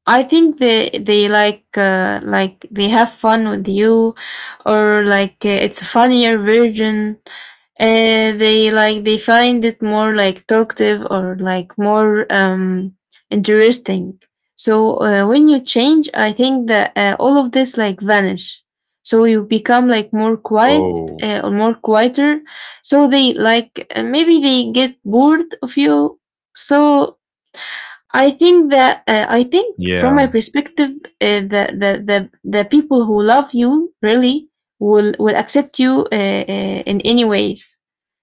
Speaker 2: I think they they like uh, like they have fun with you, or like uh, it's a funnier version. Uh, they like they find it more like talkative or like more um interesting. So uh, when you change, I think that uh, all of this like vanish. So you become like more quiet
Speaker 1: Oh,
Speaker 2: uh, or more quieter. So they like uh, maybe they get bored of you. So I think that uh, I think from my
Speaker 1: yeah,
Speaker 2: perspective, uh, the, the the the people who love you really will will accept you uh, uh, in any ways.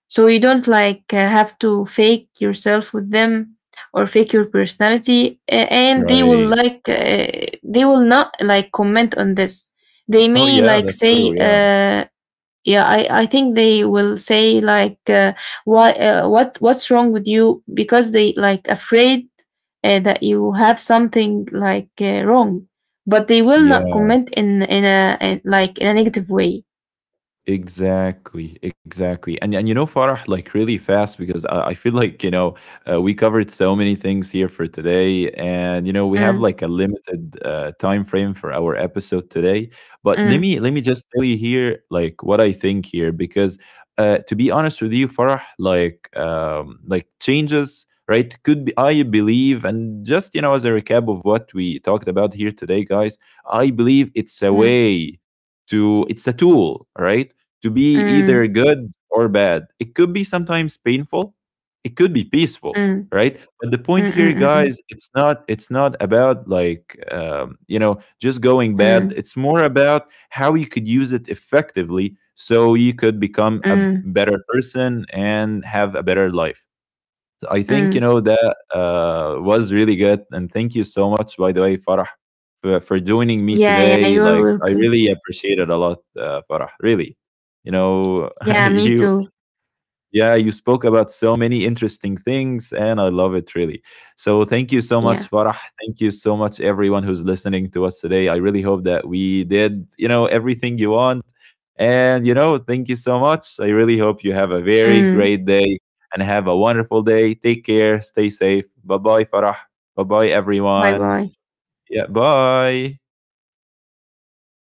Speaker 2: So you don't like uh, have to fake yourself with them or fake your personality, uh, and they will
Speaker 1: right.
Speaker 2: like uh, they will not like comment on this. They
Speaker 1: Oh,
Speaker 2: may
Speaker 1: yeah,
Speaker 2: like
Speaker 1: that's true,
Speaker 2: say.
Speaker 1: yeah.
Speaker 2: Uh, yeah, I, I think they will say like, uh, "Why? Uh, what? What's wrong with you?" Because they like afraid uh, that you have something like uh, wrong, but they will not
Speaker 1: Yeah,
Speaker 2: comment in in a in, like in a negative way.
Speaker 1: exactly, exactly. And and you know, Farah, like really fast because I, I feel like, you know, uh, we covered so many things here for today. And, you know, we have
Speaker 2: Mm,
Speaker 1: like a limited uh, time frame for our episode today. But let
Speaker 2: mm,
Speaker 1: me let me just tell you here like what I think here because uh, to be honest with you, Farah, like um, like changes, right? Could be I believe and just, you know, as a recap of what we talked about here today, guys, I believe it's a
Speaker 2: mm,
Speaker 1: way to, it's a tool, right, to be
Speaker 2: mm,
Speaker 1: either good or bad. It could be sometimes painful, it could be peaceful,
Speaker 2: mm,
Speaker 1: right? But the point
Speaker 2: mm,
Speaker 1: here,
Speaker 2: mm,
Speaker 1: guys, it's not, it's not about like um, you know just going
Speaker 2: mm, mm,
Speaker 1: bad.
Speaker 2: mm,
Speaker 1: It's more about how you could use it effectively so you could become a
Speaker 2: mm,
Speaker 1: better person and have a better life. So I think you
Speaker 2: mm.
Speaker 1: know that uh, was really good, and thank you so much, by the way, Farah, for, for joining me
Speaker 2: Yeah, yeah,
Speaker 1: today.
Speaker 2: you're
Speaker 1: Like I
Speaker 2: welcome.
Speaker 1: really appreciate it a lot, uh, Farah. Really, you know,
Speaker 2: Yeah, me
Speaker 1: you
Speaker 2: too.
Speaker 1: yeah, you spoke about so many interesting things, and I love it really. So, thank you so
Speaker 2: Yeah.
Speaker 1: much, Farah. Thank you so much, everyone who's listening to us today. I really hope that we did, you know, everything you want. And, you know, thank you so much. I really hope you have a very
Speaker 2: Mm.
Speaker 1: great day and have a wonderful day. Take care. Stay safe. Bye bye, Farah. Bye bye,
Speaker 2: Bye,
Speaker 1: everyone.
Speaker 2: bye,
Speaker 1: Yeah, bye.
Speaker 2: bye.